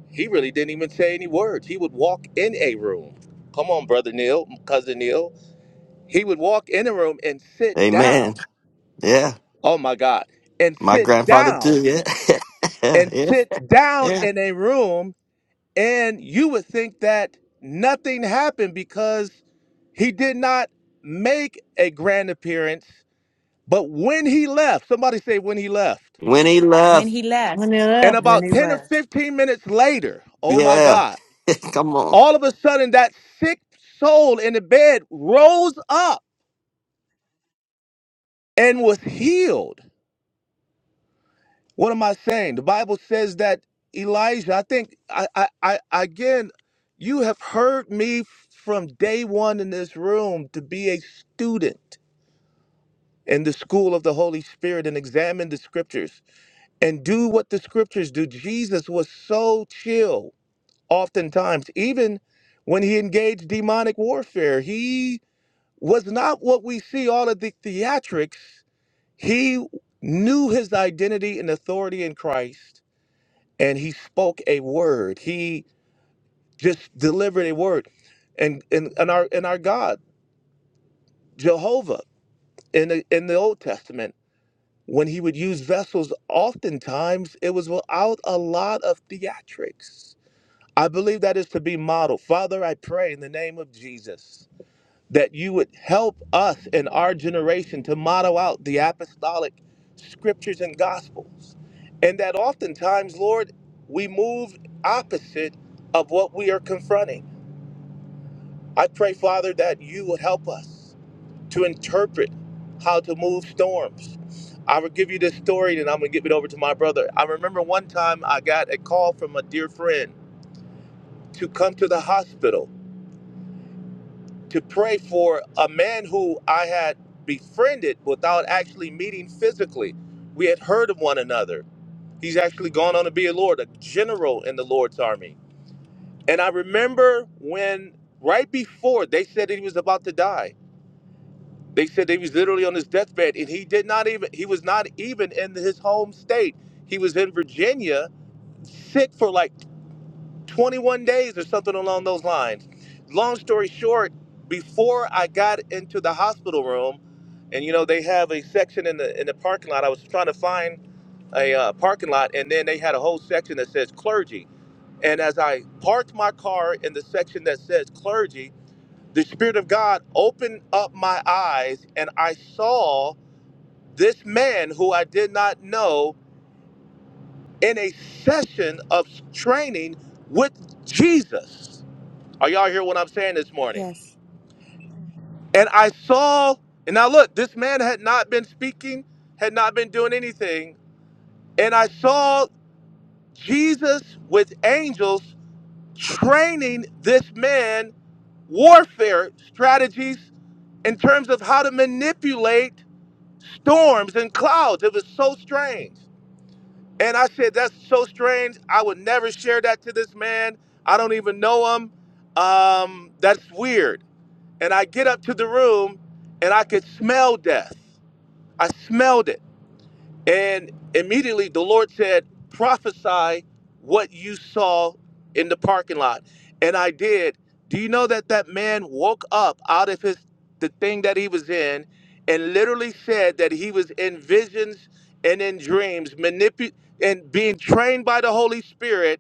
he really didn't even say any words. He would walk in a room. Come on, brother Neil, cousin Neil. He would walk in a room and sit down. Amen. Yeah. Oh my God. And My sit grandfather down too, yeah. [laughs] yeah, and yeah. sit down Yeah. in a room. And you would think that nothing happened because he did not make a grand appearance. But when he left, somebody say when he left When he when left, he left. And When about he 10 or left. 15 minutes later, oh my yeah. God, [laughs] Come on. all of a sudden that sick soul in the bed rose up and was healed. What am I saying? The Bible says that Elijah, I think I I, I again, you have heard me from day one in this room to be a student in the school of the Holy Spirit and examine the scriptures and do what the scriptures do. Jesus was so chill Oftentimes, even when he engaged demonic warfare, he was not what we see all of the theatrics. He knew his identity and authority in Christ, and he spoke a word. He just delivered a word. And and, and our and our God, Jehovah, in the in the Old Testament, when he would use vessels, oftentimes it was without a lot of theatrics. I believe that is to be modeled. Father, I pray in the name of Jesus that you would help us in our generation to model out the apostolic scriptures and gospels. And that oftentimes, Lord, we move opposite of what we are confronting. I pray, Father, that you would help us to interpret how to move storms. I will give you this story and I'm going to give it over to my brother. I remember one time I got a call from a dear friend to come to the hospital to pray for a man who I had befriended without actually meeting physically. We had heard of one another. He's actually gone on to be a Lord, a general in the Lord's army. And I remember when, right before they said that he was about to die, they said that he was literally on his deathbed, and he did not even, he was not even in his home state. He was in Virginia, sick for like 21 days or something along those lines. Long story short, before I got into the hospital room, and you know they have a section in the in the parking lot. I was trying to find a uh, parking lot, and then they had a whole section that says clergy. And as I parked my car in the section that says clergy, the Spirit of God opened up my eyes, and I saw this man who I did not know in a session of training with Jesus Are y'all hear what I'm saying this morning? Yes. And I saw, and now look, this man had not been speaking, had not been doing anything. And I saw Jesus with angels training this man warfare strategies in terms of how to manipulate storms and clouds. It was so strange. And I said, That's so strange. I would never share that to this man. I don't even know him. Um, that's weird and I get up to the room and I could smell death. I smelled it. And immediately the Lord said, prophesy what you saw in the parking lot. And I did. Do you know that that man woke up out of his the thing that he was in and literally said that he was in visions and in dreams, manipulated and being trained by the Holy Spirit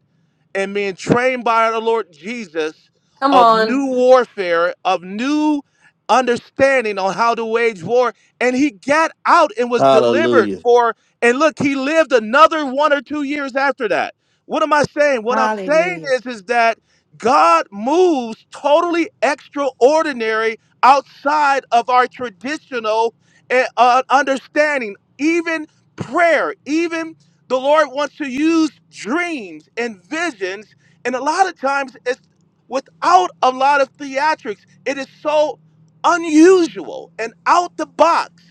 and being trained by the Lord Jesus Come of on. new warfare, of new understanding on how to wage war. And he got out and was delivered Hallelujah. for, and look, he lived another one or two years after that. What am I saying? What I'm saying Hallelujah. is, is that God moves totally extraordinary outside of our traditional uh, uh, understanding, even prayer, even the Lord wants to use dreams and visions, and a lot of times it's without a lot of theatrics. It is so unusual and out the box.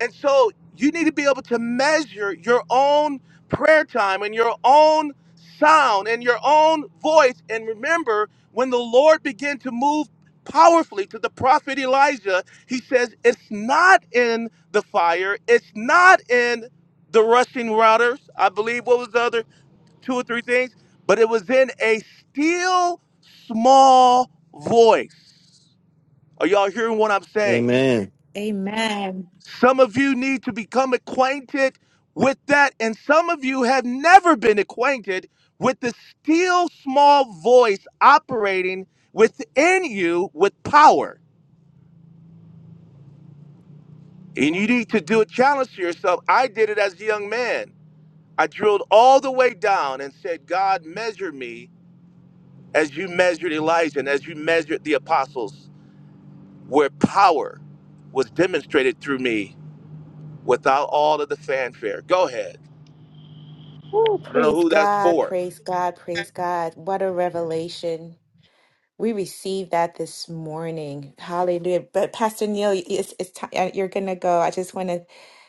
And so you need to be able to measure your own prayer time and your own sound and your own voice. And remember, when the Lord began to move powerfully to the prophet Elijah, he says, It's not in the fire, it's not in the rushing routers. I believe what was the other two or three things, but it was in a still small voice. Are y'all hearing what I'm saying? Amen. Amen. Some of you need to become acquainted with that, and some of you have never been acquainted with the still small voice operating within you with power. And you need to do a challenge to yourself. I did it as a young man. I drilled all the way down and said, God, measure me as you measured Elijah and as you measured the apostles, where power was demonstrated through me without all of the fanfare. Go ahead. Woo, I don't know praise who that's God, for. praise God, praise God. What a revelation. We received that this morning. Hallelujah. But Pastor Neil, it's, it's ti- uh you're going to go. I just want to,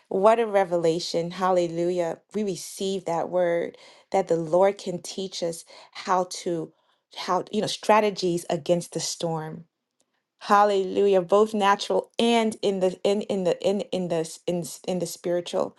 what a revelation. Hallelujah. We received that word that the Lord can teach us how to, how, you know, strategies against the storm. Hallelujah, both natural and in the in in the in in the s- in s- in the spiritual.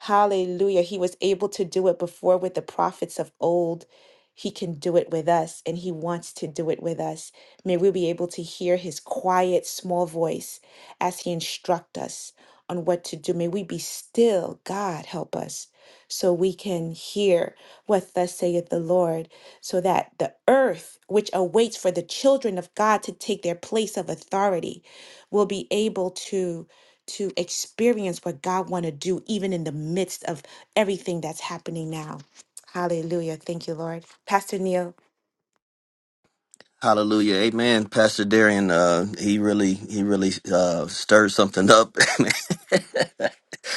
Hallelujah. He was able to do it before with the prophets of old. He can do it with us, and He wants to do it with us. May we be able to hear His quiet, small voice as He instructs us on what to do. May we be still, God help us, so we can hear what thus saith the Lord, so that the earth, which awaits for the children of God to take their place of authority, will be able to to experience what God want to do even in the midst of everything that's happening now. Hallelujah. Thank you, Lord. Pastor Neil. Hallelujah. Amen. Pastor Darian, uh, he really he really uh stirred something up.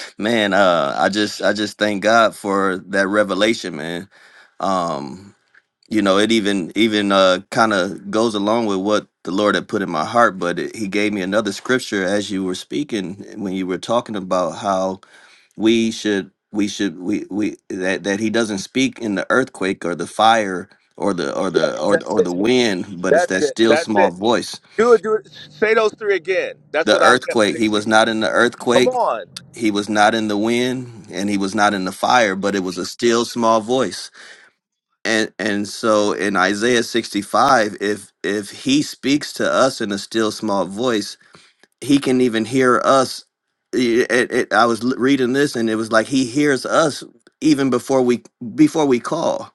[laughs] man, uh I just I just thank God for that revelation, man. Um. you know it even even uh kind of goes along with what the lord had put in my heart but it, he gave me another scripture as you were speaking when you were talking about how we should we should we we that that he doesn't speak in the earthquake or the fire or the or Yes, the or the, that's or the it. wind but it's That's that it. still That's small it. voice Do it. Do it. Say those three again. That's the what I kept earthquake he was seeing. not in the Come earthquake on. he was not in the wind and he was not in the fire but it was a still small voice and and so in Isaiah 65 if if he speaks to us in a still small voice he can even hear us I- it, it, I was l- reading this and it was like he hears us even before we before we call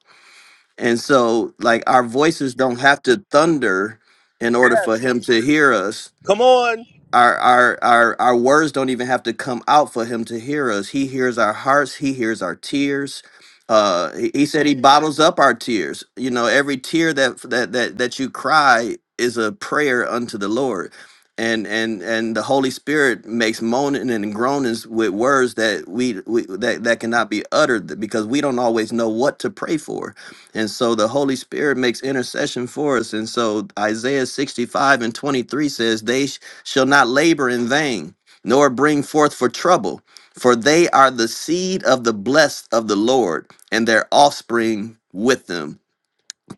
and so like our voices don't have to thunder in order for him Yes. to hear us Come on. our our our our words don't even have to come out for him to hear us he hears our hearts he hears our tears uh he, he said he bottles up our tears you know every tear that that that that you cry is a prayer unto the lord and and and the holy spirit makes moaning and groanings with words that we, we that that cannot be uttered because we don't always know what to pray for and so the Holy Spirit makes intercession for us. And so Isaiah 65 and 23 says, They shall not labor in vain, nor bring forth for trouble, for they are the seed of the blessed of the Lord, and their offspring with them.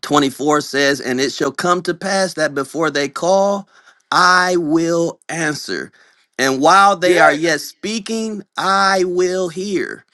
24 says, And it shall come to pass that before they call, I will answer. And while they are yet Yes. speaking, I will hear.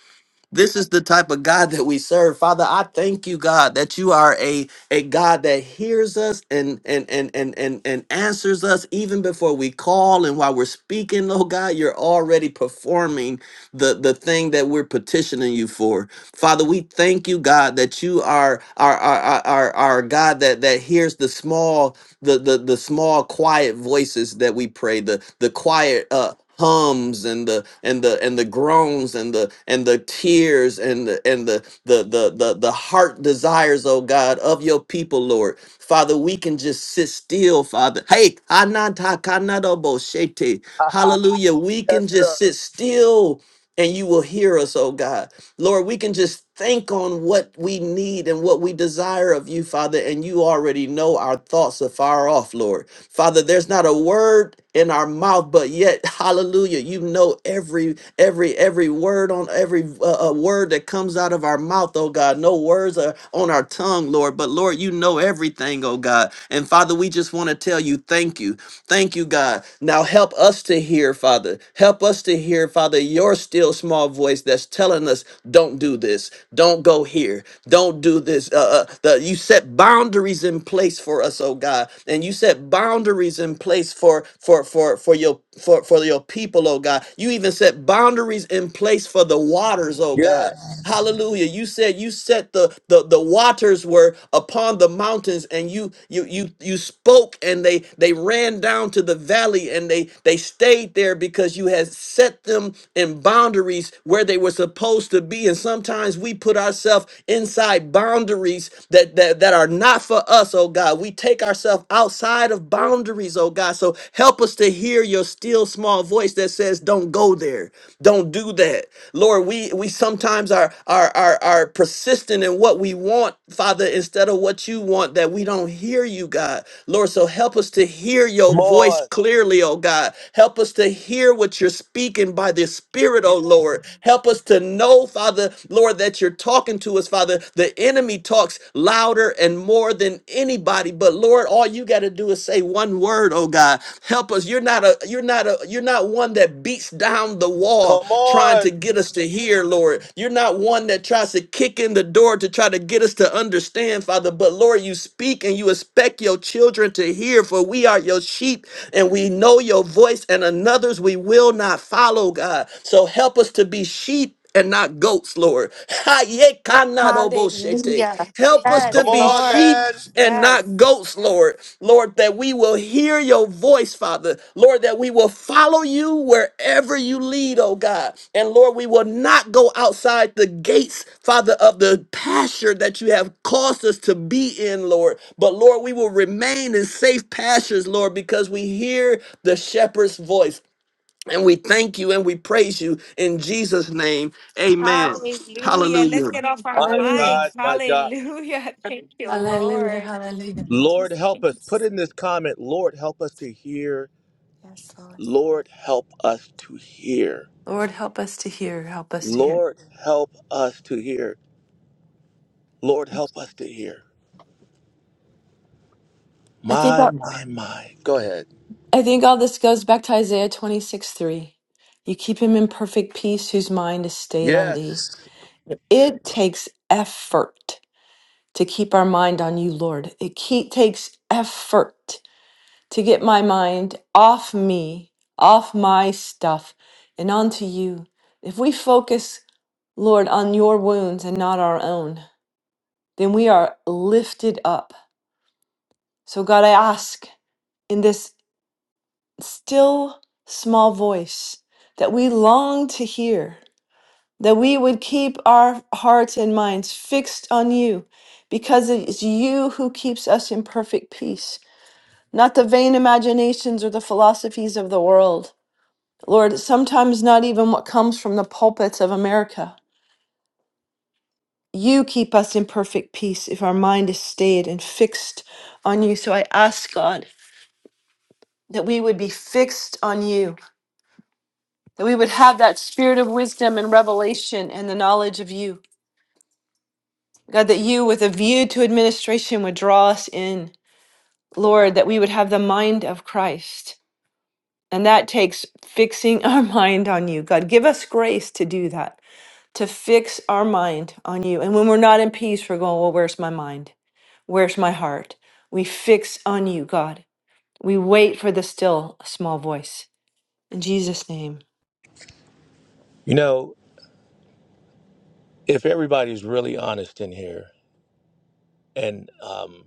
This is the type of God that we serve. Father, I thank you, God, that you are a, a God that hears us and and and and and and answers us even before we call and while we're speaking, oh God, you're already performing the, the thing that we're petitioning you for. Father, we thank you, God, that you are our our our, our God that that hears the small the the the small quiet voices that we pray the the quiet uh hums and the and the and the groans and the and the tears and the and the the the the, the heart desires oh god of your people lord father we can just sit still father hey anantakanadoboshete. hallelujah we Yes, can just sir. sit still and you will hear us oh god Lord, we can just think on what we need and what we desire of you, Father, and you already know our thoughts are far off, Lord. Father, there's not a word in our mouth, but yet, [laughs] hallelujah, you know every every every word on every uh, uh, word that comes out of our mouth, oh God. No words are on our tongue, Lord, but Lord, you know everything, oh God. And Father, we just want to tell you thank you. Thank you, God. Now help us to hear, Father. Help us to hear, Father, your still small voice that's telling us, don't do this, don't go here, don't do this. Uh, uh, the, you set boundaries in place for us, oh God, and you set boundaries in place for for for for your for for your people, oh God. You even set boundaries in place for the waters, oh God. Yes. Hallelujah. You said you set the the the the waters were upon the mountains and you you you you spoke and they they ran down to the valley and they they stayed there because you had set them in boundaries where they were supposed to be and sometimes we put ourselves inside boundaries that that that are not for us oh God we take ourselves outside of boundaries oh God so help us to hear your still small voice that says don't go there there. Don't do that. Lord, we we sometimes are are are, are persistent in what we want, Father, instead of what you want, that we don't hear you, God. Lord, so help us to hear your Come voice on. clearly, oh God. Help us to hear what you're speaking by the Spirit, oh Lord. Help us to know, Father, Lord, that you're talking to us, Father. The enemy talks louder and more than anybody, but Lord, all you you got to do is say one word, oh God. Help us. You're not a you're not a you're not one that beats down the wall Come trying to on. get us to hear, Lord. You're not one that tries to kick in the door to try to get us to understand, Father. But Lord, you speak and you expect your children to hear, for we are your sheep and we know your voice, and another's we will not follow, God. So help us to be sheep and not goats, Lord. Hayekanadoboshete. Hallelujah. Help us Yes, to Come be on, Lord. sheep man. and Yes. not goats, Lord. Lord, that we will hear your voice, Father. Lord, that we will follow you wherever you lead, oh God. And Lord, we will not go outside the gates, Father, of the pasture that you have caused us to be in, Lord. But Lord, we will remain in safe pastures, Lord, because we hear the shepherd's voice. And we thank you and we praise you in Jesus' name. Amen. Hallelujah. Let's Hallelujah. get off our My mics. God. My God. Hallelujah. [laughs] Thank you, Lord. Lord, help us. Yes, Put in this comment, Lord, help us to hear. Lord. Lord, help us to hear. Lord, help us to hear. Lord, help us to hear. My, my, my. Go ahead. I think all this goes back to Isaiah 26 3. You keep him in perfect peace whose mind is stayed on thee. Yes. Yep. It takes effort to keep our mind on you, Lord. It ke- takes effort to get my mind off me, off my stuff, and onto you. If we focus, Lord, on your wounds and not our own, then we are lifted up. So, God, I ask in this. still small voice that we long to hear, that we would keep our hearts and minds fixed on you, because it is you who keeps us in perfect peace, not the vain imaginations or the philosophies of the world. Lord, sometimes not even what comes from the pulpits of America. You keep us in perfect peace if our mind is stayed and fixed on you. So I ask God that we would be fixed on you that we would have that spirit of wisdom and revelation and the knowledge of you. God, that you, with a view to administration, would draw us in. Lord, that we would have the mind of Christ. And that takes fixing [laughs] our mind on you. God, give us grace to do that, to fix our mind on you. And when we're not in peace, we're going, well, where's my mind? Where's my heart? We fix on you, God. We wait for the still small voice. In Jesus' name. You know, if everybody's really honest in here, and um,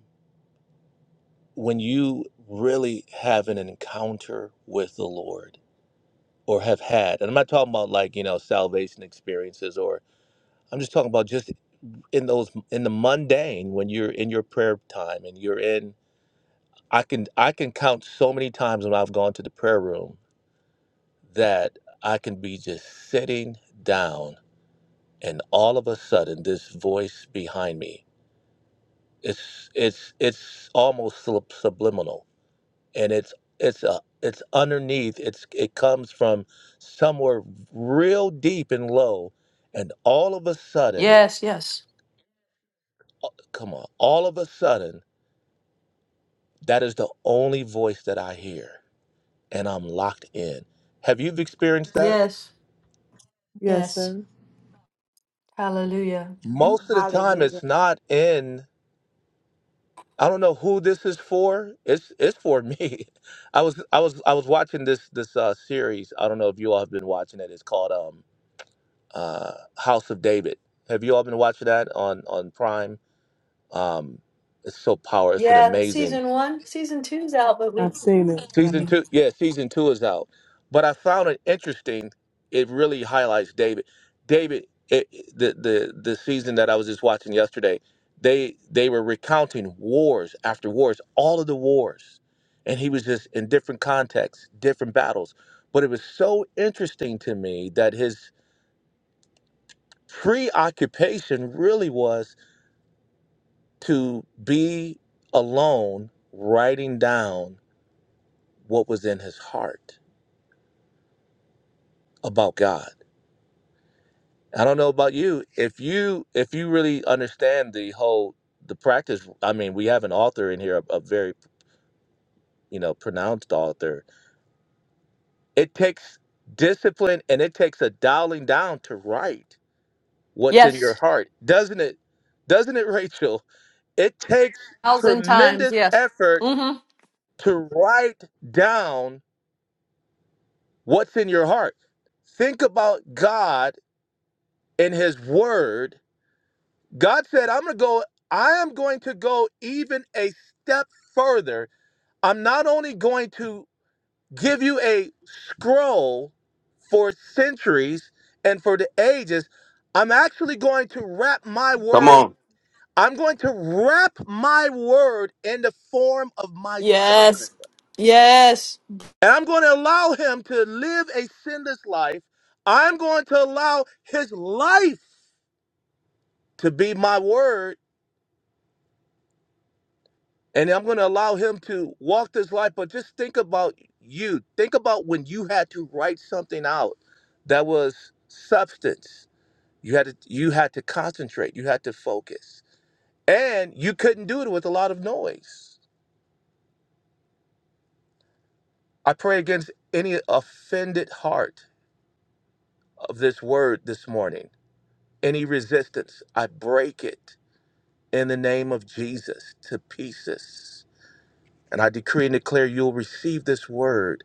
when you really have an encounter with the Lord or have had, and I'm not talking about like, you know, salvation experiences or I'm just talking about just in those in the mundane when you're in your prayer time and you're in I can I can count so many times when I've gone to the prayer room that I can be just sitting down and all of a sudden this voice behind me it's it's it's almost sub- subliminal and it's it's a it's underneath it's it comes from somewhere real deep and low and all of a sudden Yes, yes. come on all of a sudden That is the only voice that I hear, and I'm locked in. Have you experienced that? Yes, Yes, yes. sir. Hallelujah. Most of the time, Hallelujah. it's not in. I don't know who this is for. It's it's for me. [laughs] I was I was I was watching this this uh, series. I don't know if you all have been watching it. It's called um uh House of David. Have you all been watching that on on Prime? Um, it's so powerful. It's an Yeah, amazing. season one, season two's out, but we. I've seen it. Yeah. Season Mhm. two, yeah, season two is out. But I found it interesting. It really highlights David. David, it, the the the season that I was just watching yesterday, they they were recounting wars after wars, all of the wars, and he was just in different contexts, different battles. But it was so interesting to me that his preoccupation really was to be alone, writing down what was in his heart about God I don't know about you. If you if you really understand the whole the practice, I mean, we have an author in here, a, a very you know pronounced author. It takes discipline and it takes a dialing down to write what's Yeah. in your heart, doesn't it? Doesn't it, [laughs] Rachel? It takes tremendous effort Mm-hmm. to write down what's in your heart. Think about God in His Word God said, I'm going to go, I am going to go even a step further. I'm not only going to give you a scroll for centuries and for the ages, I'm actually going to wrap my Come word. on. I'm going to wrap my word in the form of my son. Yes. Yes. And I'm going to allow him to live a sinless life. I'm going to allow his life to be my word And I'm going to allow him to walk this life, but just think about you. Think about when you had to write something out that was substance. You had to you had to concentrate, you had to focus. And you couldn't do it with a lot of noise. I pray against any offended heart of this word this morning. Any resistance, I break it in the name of Jesus to pieces. And I decree and declare you'll receive this word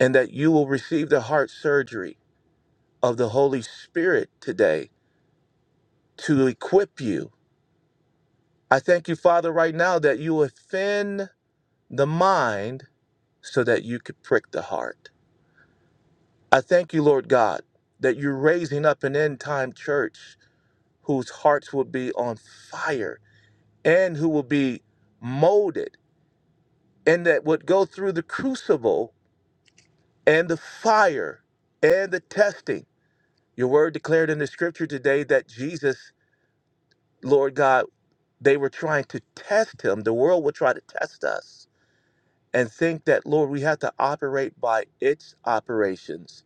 and that you will receive the heart surgery of the Holy Spirit today to equip you. I thank you, Father, right now that you offend the mind so that you could prick the heart. I thank you, Lord God, that you're raising up an end time church whose hearts will be on fire and who will be molded and that would go through the crucible and the fire and the testing. Your word declared in the scripture today that Jesus Lord God, they were trying to test him. The world will try to test us and think that, Lord, we have to operate by its operations.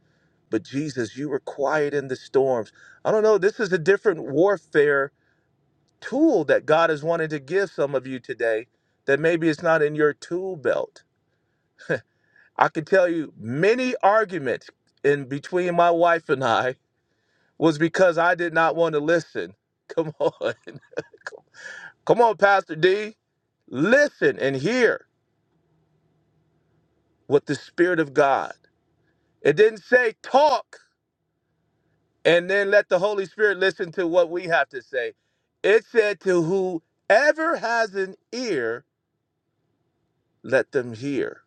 But Jesus, you were quiet in the storms. I don't know. This is a different warfare tool that God is wanting to give some of you today that maybe it's not in your tool belt. I can tell you many arguments in between my wife and I was because I did not want to listen. Come on. [laughs] Come on, Pastor D. Listen and hear what the Spirit of God. It didn't say talk and then let the Holy Spirit listen to what we have to say. It said to whoever has an ear, let them hear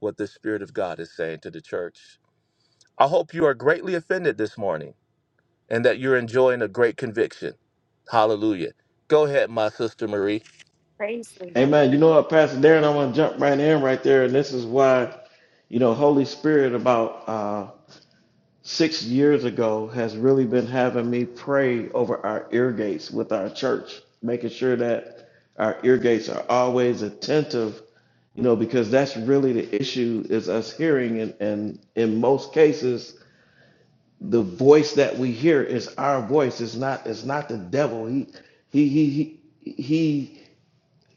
what the Spirit of God is saying to the church. I hope you are greatly offended this morning and that you're enjoying a great conviction. Hallelujah. Go ahead, my sister Marie. Praise the Lord. Amen. You know what, Pastor Darren, I want to jump right in right there, and this is why, you know, Holy Spirit about uh, six years ago has really been having me pray over our ear gates with our church, making sure that our ear gates are always attentive, you know, because that's really the issue is us hearing, and, and in most cases the voice that we hear is our voice. It's not it's not the devil. He he he he, he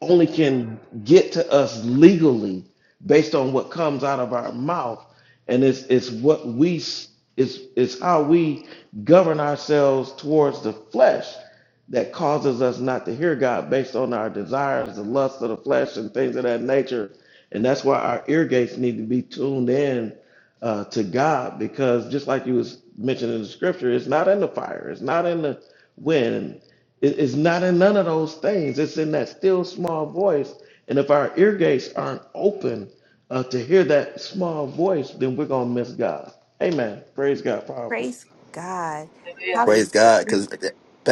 only can get to us legally based on what comes out of our mouth. And it's it's what we s- it's it's how we govern ourselves towards the flesh that causes us not to hear God based on our desires, the lust of the flesh, and things of that nature. And that's why our ear gates need to be tuned in uh, to God, because just like you was mentioning in the scripture, it's not in the fire, it's not in the wind, it- it's not in none of those things. It's in that still small voice. And if our ear gates aren't open uh, to hear that small voice, then we're gonna miss God. Amen. Praise God. Powerful. Praise God. Praise Hallelujah. God. Because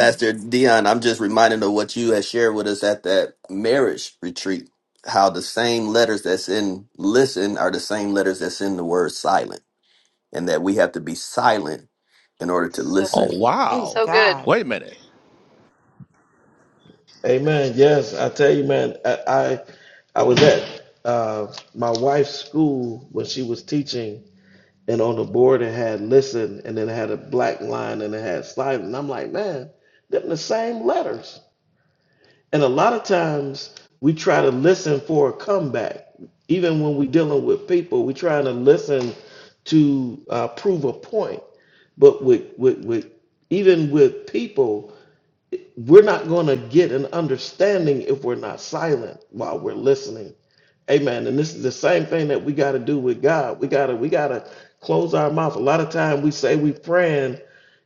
[laughs] Dion, I'm just reminded of what you had shared with us at that marriage retreat. How the same letters that's in listen are the same letters that's in the word silent, and that we have to be silent in order to So, Oh, listen. Praise wow. so good. God. Wait a minute. Amen. Yes, I tell you, man. I I, I was at uh, my wife's school when she was teaching, and on the board it had listen, and then it had a black line, and it had silent. And I'm like, man, them the same letters. And a lot of times we try to listen for a comeback, even when we're dealing with people. We're trying to listen to uh, prove a point, but with with with even with people we're not going to get an understanding if we're not silent while we're listening. Amen. And this is the same thing that we got to do with God. We got to we got to close our mouth. A lot of time we say we praying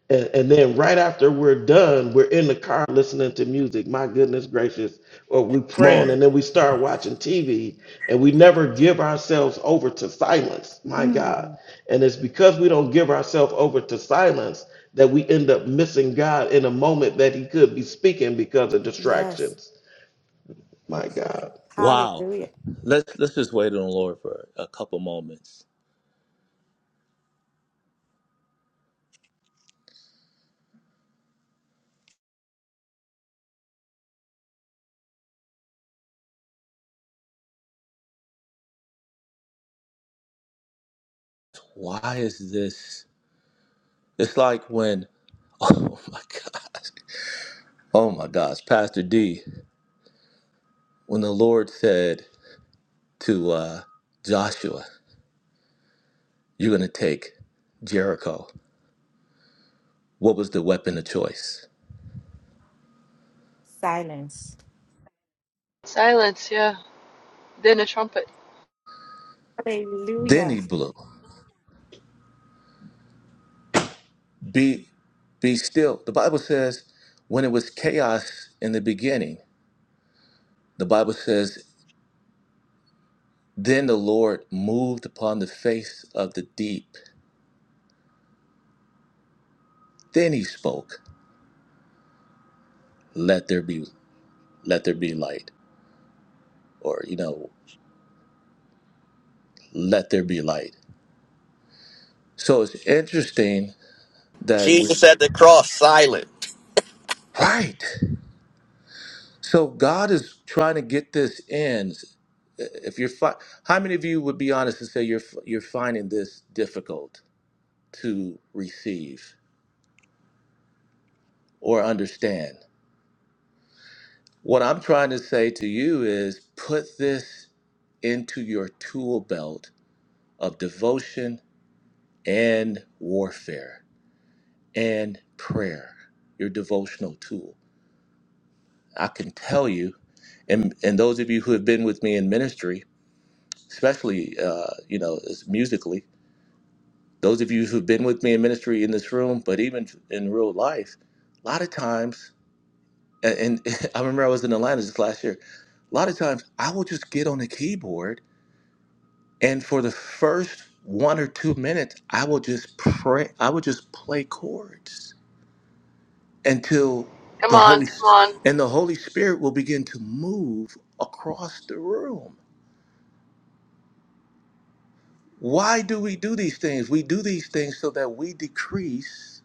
and, and then right after we're done, we're in the car listening to music. My goodness gracious. Or we Come praying on. and then we start watching TV and we never give ourselves over to silence. My God. Mm. And it's because we don't give ourselves over to silence that we end up missing God in a moment that he could be speaking because of Yes. distractions. My God. Wow. Hallelujah. Let's let's just wait on the Lord for a couple moments. Why is this? It's like when [laughs] oh my gosh. Oh my gosh, Pastor D, when the Lord said to uh, Joshua, You're gonna take Jericho, what was the weapon of choice? Silence. Silence, yeah. Then a trumpet. Then Hallelujah. he blew. Be be still. The Bible says when it was chaos in the beginning, the Bible says, Then the Lord moved upon the face of the deep Then he spoke, "Let there be, let there be light," or you know, "Let there be light." So it's interesting that we, are Jesus at the cross, silent. right? So God is trying to get this in. If you're, fi- how many of you would be honest and say you're you're finding this difficult to receive or understand? What I'm trying to say to you is, put this into your tool belt of devotion and warfare and prayer, your devotional tool. I can tell you, and and those of you who have been with me in ministry, especially uh, you know as musically, those of you who've been with me in ministry in this room, but even in real life, a lot of times, and, and [laughs] I remember I was in Atlanta just last year. A lot of times, I will just get on the keyboard, and for the first one or two minutes, I will just pray. I will just play chords until Come the on, Holy come on. and the Holy Spirit will begin to move across the room. Why do we do these things? We do these things so that we decrease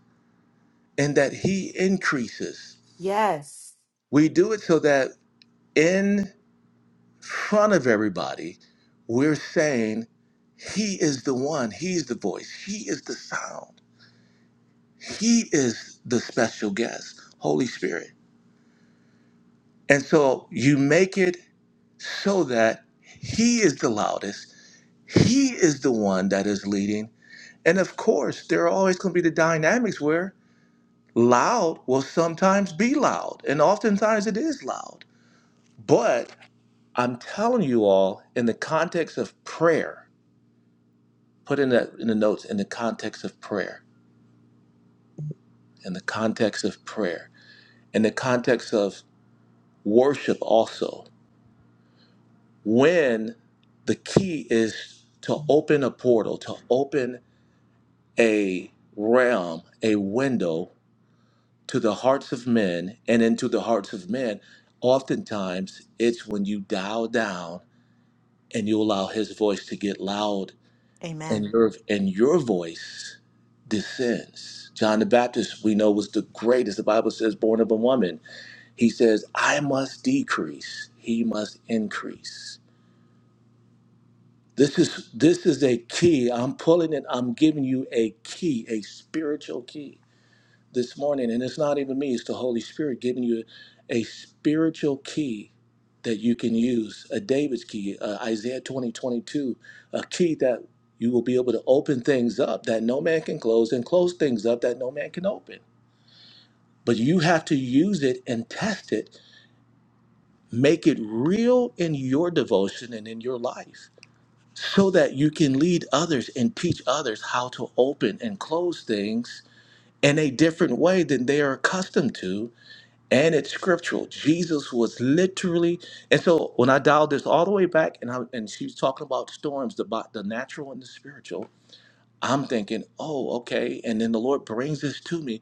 and that he increases. Yes. We do it so that in front of everybody, we're saying he is the one, he's the voice, he is the sound. He is the special guest, Holy Spirit. And so you make it so that he is the loudest He is the one that is leading. And of course, there are always going to be the dynamics where loud will sometimes be loud, and oftentimes it is loud. But I'm telling you all, in the context of prayer, put in the, in the notes, in the context of prayer, in the context of prayer, in the context of worship also, when the key is to open a portal, to open a realm, a window to the hearts of men and into the hearts of men, oftentimes it's when you dial down and you allow his voice to get loud and Amen. your and your voice descends. John the Baptist, we know, was the greatest. The Bible says, born of a woman. He says, I must decrease, he must increase. This is this is a key. I'm pulling it, I'm giving you a key, a spiritual key this morning, and it's not even me, it's the Holy Spirit giving you a spiritual key that you can use a David's key, uh, Isaiah twenty twenty-two, a key that you will be able to open things up that no man can close and close things up that no man can open. But you have to use it and test it, make it real in your devotion and in your life so that you can lead others and teach others how to open and close things in a different way than they are accustomed to and it's scriptural. Jesus was literally, and so when I dialed this all the way back, and I, and she was talking about storms, the bo- the natural and the spiritual. I'm thinking, oh, okay. And then the Lord brings this to me.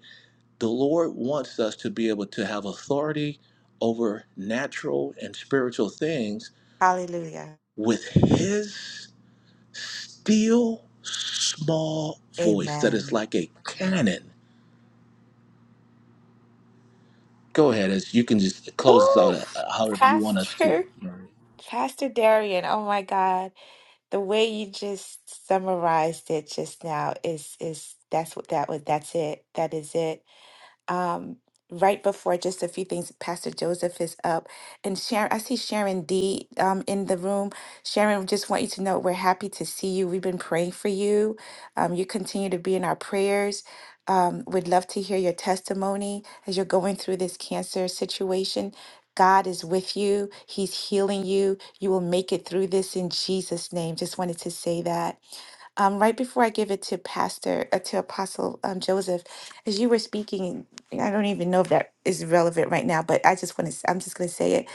The Lord wants us to be able to have authority over natural and spiritual things Hallelujah. with His still small voice that is Amen. like a cannon. Go ahead, as you can just close this out Ooh, uh, however you want us to. Pastor, Pastor Darian, oh my God. The way you just summarized it just now is is that's what that was that's it. That is it. um, right before just a few things, Pastor Joseph is up. And Sharon, I see Sharon D um, in the room. Sharon, just want you to know we're happy to see you. We've been praying for you. Um, you continue to be in our prayers. Um, we'd love to hear your testimony as you're going through this cancer situation. God is with you. He's healing you. You will make it through this in Jesus' name. Just wanted to say that um, right before I give it to Pastor uh, to Apostle um, Joseph, as you were speaking. I don't even know if that is relevant right now, but I just want to, I'm just going to say it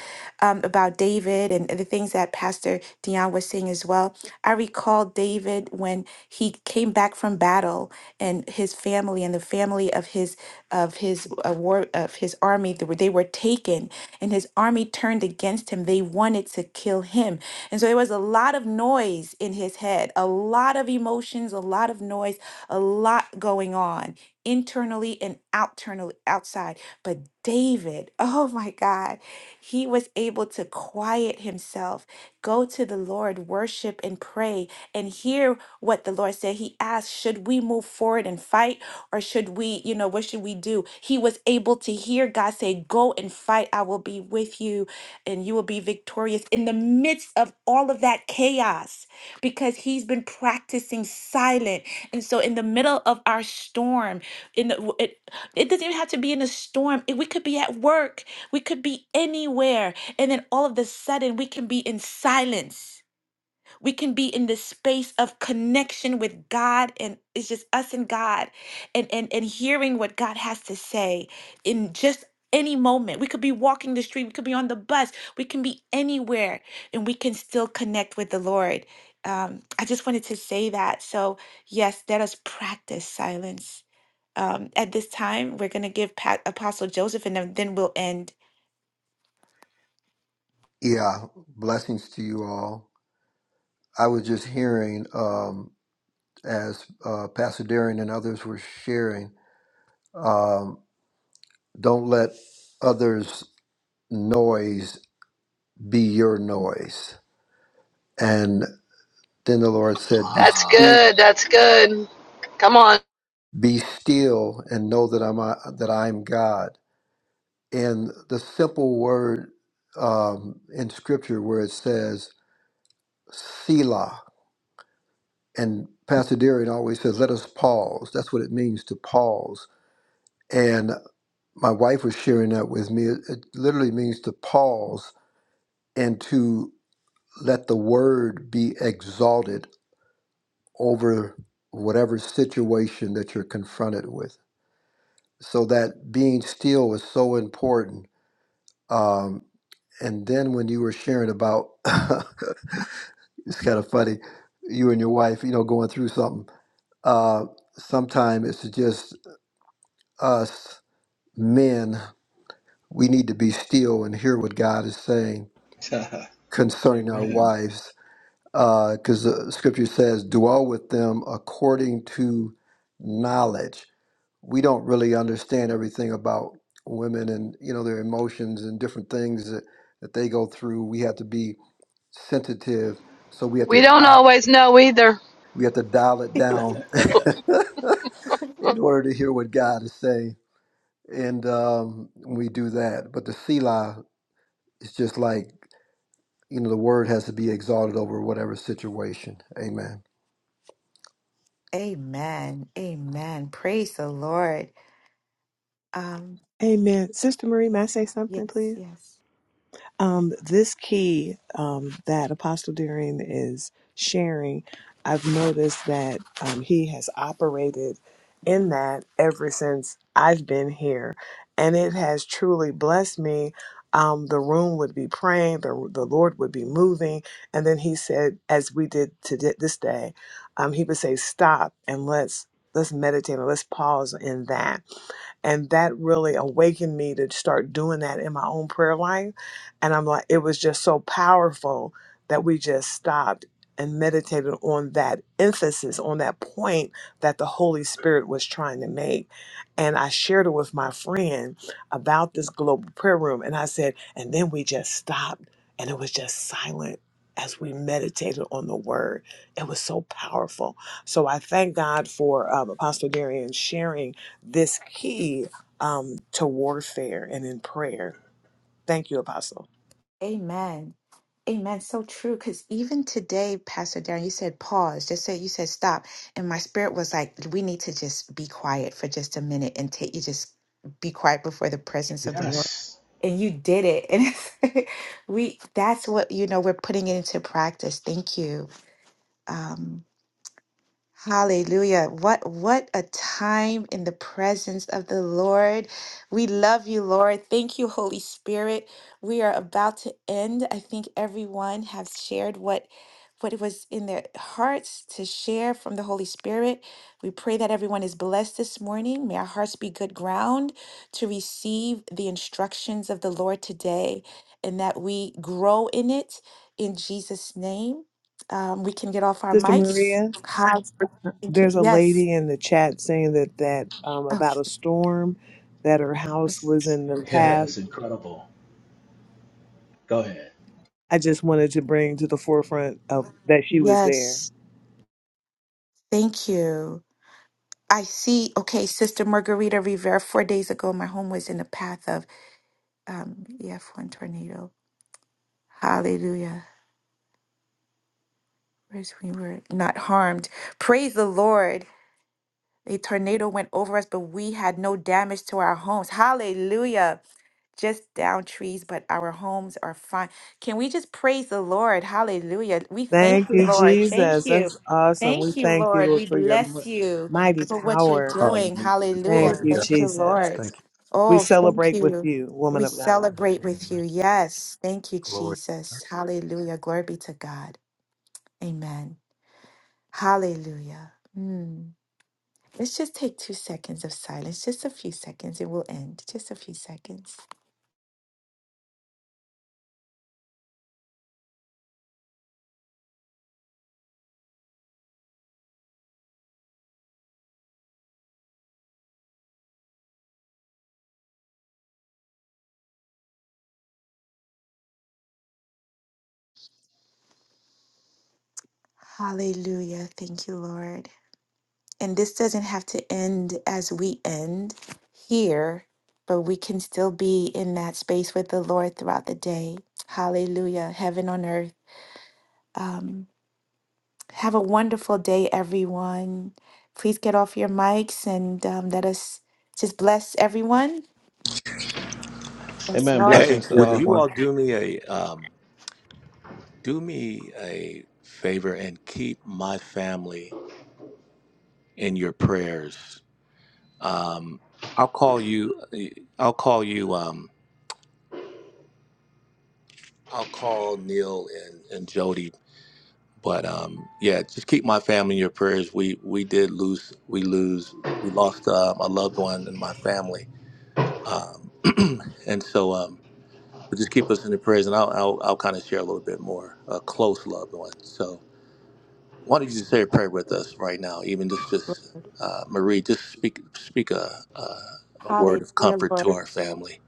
um, about David and the things that Pastor Dion was saying as well. I recall David when he came back from battle and his family and the family of his, of his uh, war, of his army, they were, they were taken and his army turned against him. They wanted to kill him. And so there was a lot of noise in his head, a lot of emotions, a lot of noise, a lot going on internally and outernally outside. But David, [laughs] oh my God, he was able to quiet himself, go to the Lord, worship and pray, and hear what the Lord said. He asked, Should we move forward and fight? Or should we, you know, what should we do? He was able to hear God say, Go and fight. I will be with you and you will be victorious in the midst of all of that chaos because he's been practicing silent. And so, in the middle of our storm in the, it it doesn't even have to be in a storm It- we could be at work we could be anywhere and then all of the sudden we can be in silence we can be in this space of connection with god and it's just us and god and and and hearing what god has to say in just any moment we could be walking the street we could be on the bus we can be anywhere and we can still connect with the lord um, i just wanted to say that so yes let us practice silence um, at this time. We're going to give Pat, Apostle Joseph, and then then we'll end. Yeah, blessings to you all. I was just hearing um, as uh, Pastor Darren and others were sharing, um, don't let others' noise be your noise. And then the Lord said, "Be That's Wow. still, good, that's good. Come on. be still and know that I'm uh, that I'm God." And the simple word um, in Scripture where it says "Selah," and Pastor Darren always says, "Let us pause." That's what it means to pause And my wife was sharing that with me. It, it literally means to pause and to let the word be exalted over whatever situation that you're confronted with. So that being still is so important. Um, and then when you were sharing about, [laughs] it's kind of funny, you and your wife, you know, going through something. Uh, sometimes it's just us men, we need to be still and hear what God is saying concerning our wives, because the scripture says, dwell with them according to knowledge. We don't really understand everything about women and you know their emotions and different things that, that they go through. We have to be sensitive, so we have to We don't dial- always know either. we have to dial it down [laughs] in order to hear what God is saying. And um, we do that, but the Selah is just like you know the word has to be exalted over whatever situation. Amen. Amen. Amen. Praise the Lord. Um, Amen. Sister Marie, may I say something, yes, please? yes. Um, this key um, that Apostle Deering is sharing, I've noticed that um, he has operated in that ever since I've been here. And it has truly blessed me. Um, the room would be praying, the, the Lord would be moving. And then he said, as we did today, this day, um, he would say, stop and let's. Let's meditate and let's pause in that. And that really awakened me to start doing that in my own prayer life and I'm like, it was just so powerful that we just stopped and meditated on that emphasis, on that point that the Holy Spirit was trying to make. And I shared it with my friend about this global prayer room. And I said, and then we just stopped and it was just silent as we meditated on the word. It was so powerful. So I thank God for um, Apostle Darian sharing this key um, to warfare and in prayer. Thank you, Apostle. Amen. Amen. So true. Because even today, Pastor Darren, you said pause. Just said you said stop. And my spirit was like, we need to just be quiet for just a minute and take you just be quiet before the presence of the Lord. And you did it. [laughs] And it's, we that's what you know, we're putting it into practice. Thank you. Um, Hallelujah. What what a time in the presence of the Lord. We love you, Lord. Thank you, Holy Spirit. We are about to end. I think everyone has shared what what was in their hearts to share from the Holy Spirit. We pray that everyone is blessed this morning. May our hearts be good ground to receive the instructions of the Lord today and that we grow in it in Jesus' name. Um, we can get off our Sister mics Maria, Hi. Thank you. there's a Yes. lady in the chat saying that that um, Oh, about a storm that her house was in the [laughs] path. Yes, incredible. Go ahead. I just wanted to bring to the forefront of that she was there. yes. Thank you. I see. Okay, Sister Margarita Rivera, four days ago, my home was in the path of um, EF1 tornado. Hallelujah. Where's we were not harmed. Praise the Lord. A tornado went over us, but we had no damage to our homes. Hallelujah. Just down trees, but our homes are fine. Can we just praise the Lord? Hallelujah. We thank Thank you, you, Lord. Thank Jesus. you. That's awesome. We Thank you, thank you, Lord. Lord, We for your bless m- you mighty for what you're power. doing. Hallelujah. Hallelujah. Thank Glory to you, God. Thank you, Jesus. Lord. Thank We Oh, thank celebrate with you. you, woman We of God. celebrate you. with Amen. you. Yes. Thank you, Glory. Jesus. Hallelujah. Glory be to God. Amen. Hallelujah. Mm. Let's just take two seconds of silence, just a few seconds. It will end, just a few seconds. Hallelujah. Thank you, Lord. And this doesn't have to end as we end here, but we can still be in that space with the Lord throughout the day. Hallelujah. Heaven on earth. Um, have a wonderful day, everyone. Please get off your mics and um, let us just bless everyone. Yes, Amen. Lord. Blessings Hey, Blessings to to would all. you everyone. all do me a um, do me a favor and keep my family in your prayers? Um, I'll call you. I'll call you. Um, I'll call Neil and, and Jody. But um, yeah, just keep my family in your prayers. We we did lose. We lose. We lost um, a loved one in my family. Um, and so um, But just keep us in the prayers, and I'll I'll, I'll kind of share a little bit more a close loved one. So why don't you just say a prayer with us right now? Even just just uh, Marie, just speak speak a, a a word of Hallelujah, comfort Lord. to our family.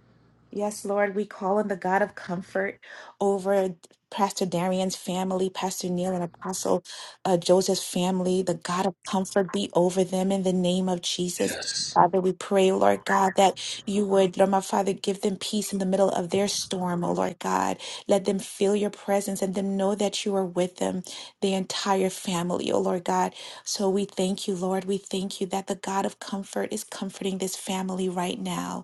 Yes, Lord, we call on the God of comfort over Pastor Darian's family, Pastor Neil and Apostle uh, Joseph's family. The God of comfort be over them in the name of Jesus. Yes, Father, we pray, Lord God, that you would, Lord my Father, give them peace in the middle of their storm, oh Lord God. Let them feel your presence and them know that you are with them, the entire family, oh Lord God. So we thank you, Lord. We thank you that the God of comfort is comforting this family right now.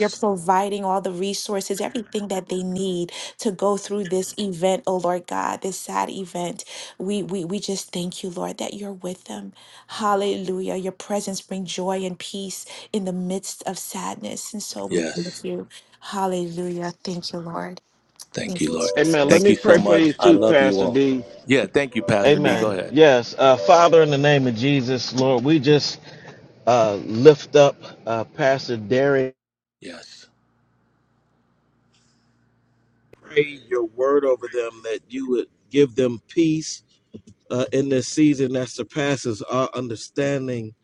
You're providing all the resources, everything that they need to go through this event, oh Lord God, this sad event. We we we just thank you, Lord, that you're with them. Hallelujah. Your presence brings joy and peace in the midst of sadness. And so we thank yes. you. Hallelujah. Thank you, Lord. Thank Thank you, you, Lord. Amen. Let Thank Jesus. you me so pray for much. you I too, love you Pastor all. D. Yeah, thank you, Pastor D. Go Amen. Amen. ahead. Yes. Uh, Father, in the name of Jesus, Lord, we just uh, lift up uh, Pastor Derek. Yes, Pray your word over them that you would give them peace uh, in this season that surpasses our understanding.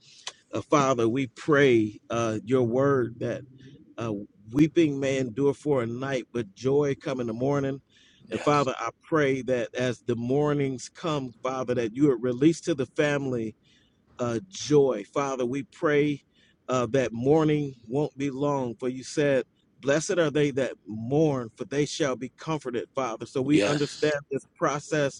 Uh, Father, we pray uh, your word that uh, weeping may endure for a night, but joy come in the morning. And yes, Father, I pray that as the mornings come, Father, that you would release to the family uh, joy. Father, we pray uh, that mourning won't be long, for you said, Blessed are they that mourn, for they shall be comforted, Father. So we yes, understand this process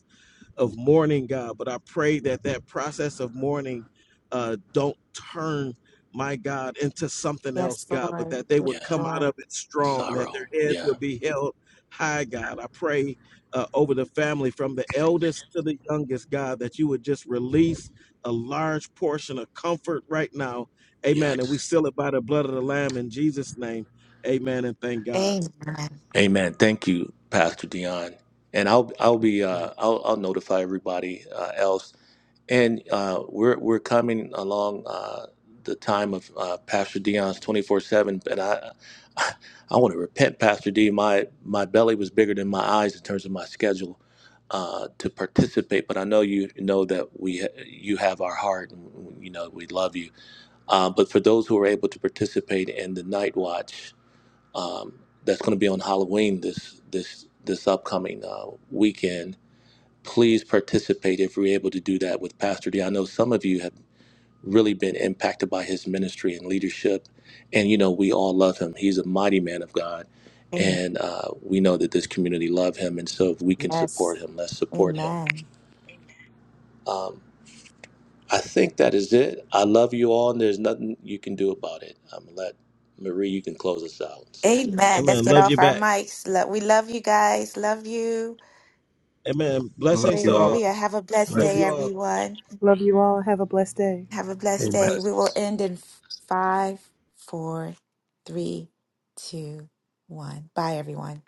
of mourning, God. But I pray that that process of mourning uh, don't turn my God into something Yes, else, God, but Lord. that they Yes, yeah. would come out Lord. of it strong, that Sorrow. their heads Yeah, would be held high, God. I pray uh, over the family from the eldest to the youngest, God, that you would just release a large portion of comfort right now. Amen. yes. And we seal it by the blood of the Lamb in Jesus' name. Amen. And thank God. Amen. Amen. Thank you, Pastor Dion. And I'll I'll be uh, Amen. I'll I'll notify everybody uh, else. And uh, we're we're coming along uh, the time of uh, Pastor Dion's twenty four seven. And I [laughs] I want to repent, Pastor D. My my belly was bigger than my eyes in terms of my schedule uh, to participate. But I know you know that we ha- you have our heart, and you know we love you. Uh, but for those who are able to participate in the night watch um, that's going to be on Halloween this this this upcoming uh, weekend. Please participate if we're able to do that with Pastor D. I know some of you have really been impacted by his ministry and leadership, and you know we all love him. He's a mighty man of God, Amen. and uh, we know that this community love him. And so if we can support Yes. him, let's support him. Amen. Um, I think that is it. I love you all, and there's nothing you can do about it. I'm gonna let Marie. You can close us out, sister. Amen. Let's Amen. get Love you off our back. mics. Lo- We love you guys. Love you. Amen. Love Blessings to you all. all. Hallelujah. Have a blessed Love day, Blessings. you all. everyone. Love you all. Have a blessed day. Have a blessed Amen. day. We will end in five, four, three, two, one. Bye, everyone.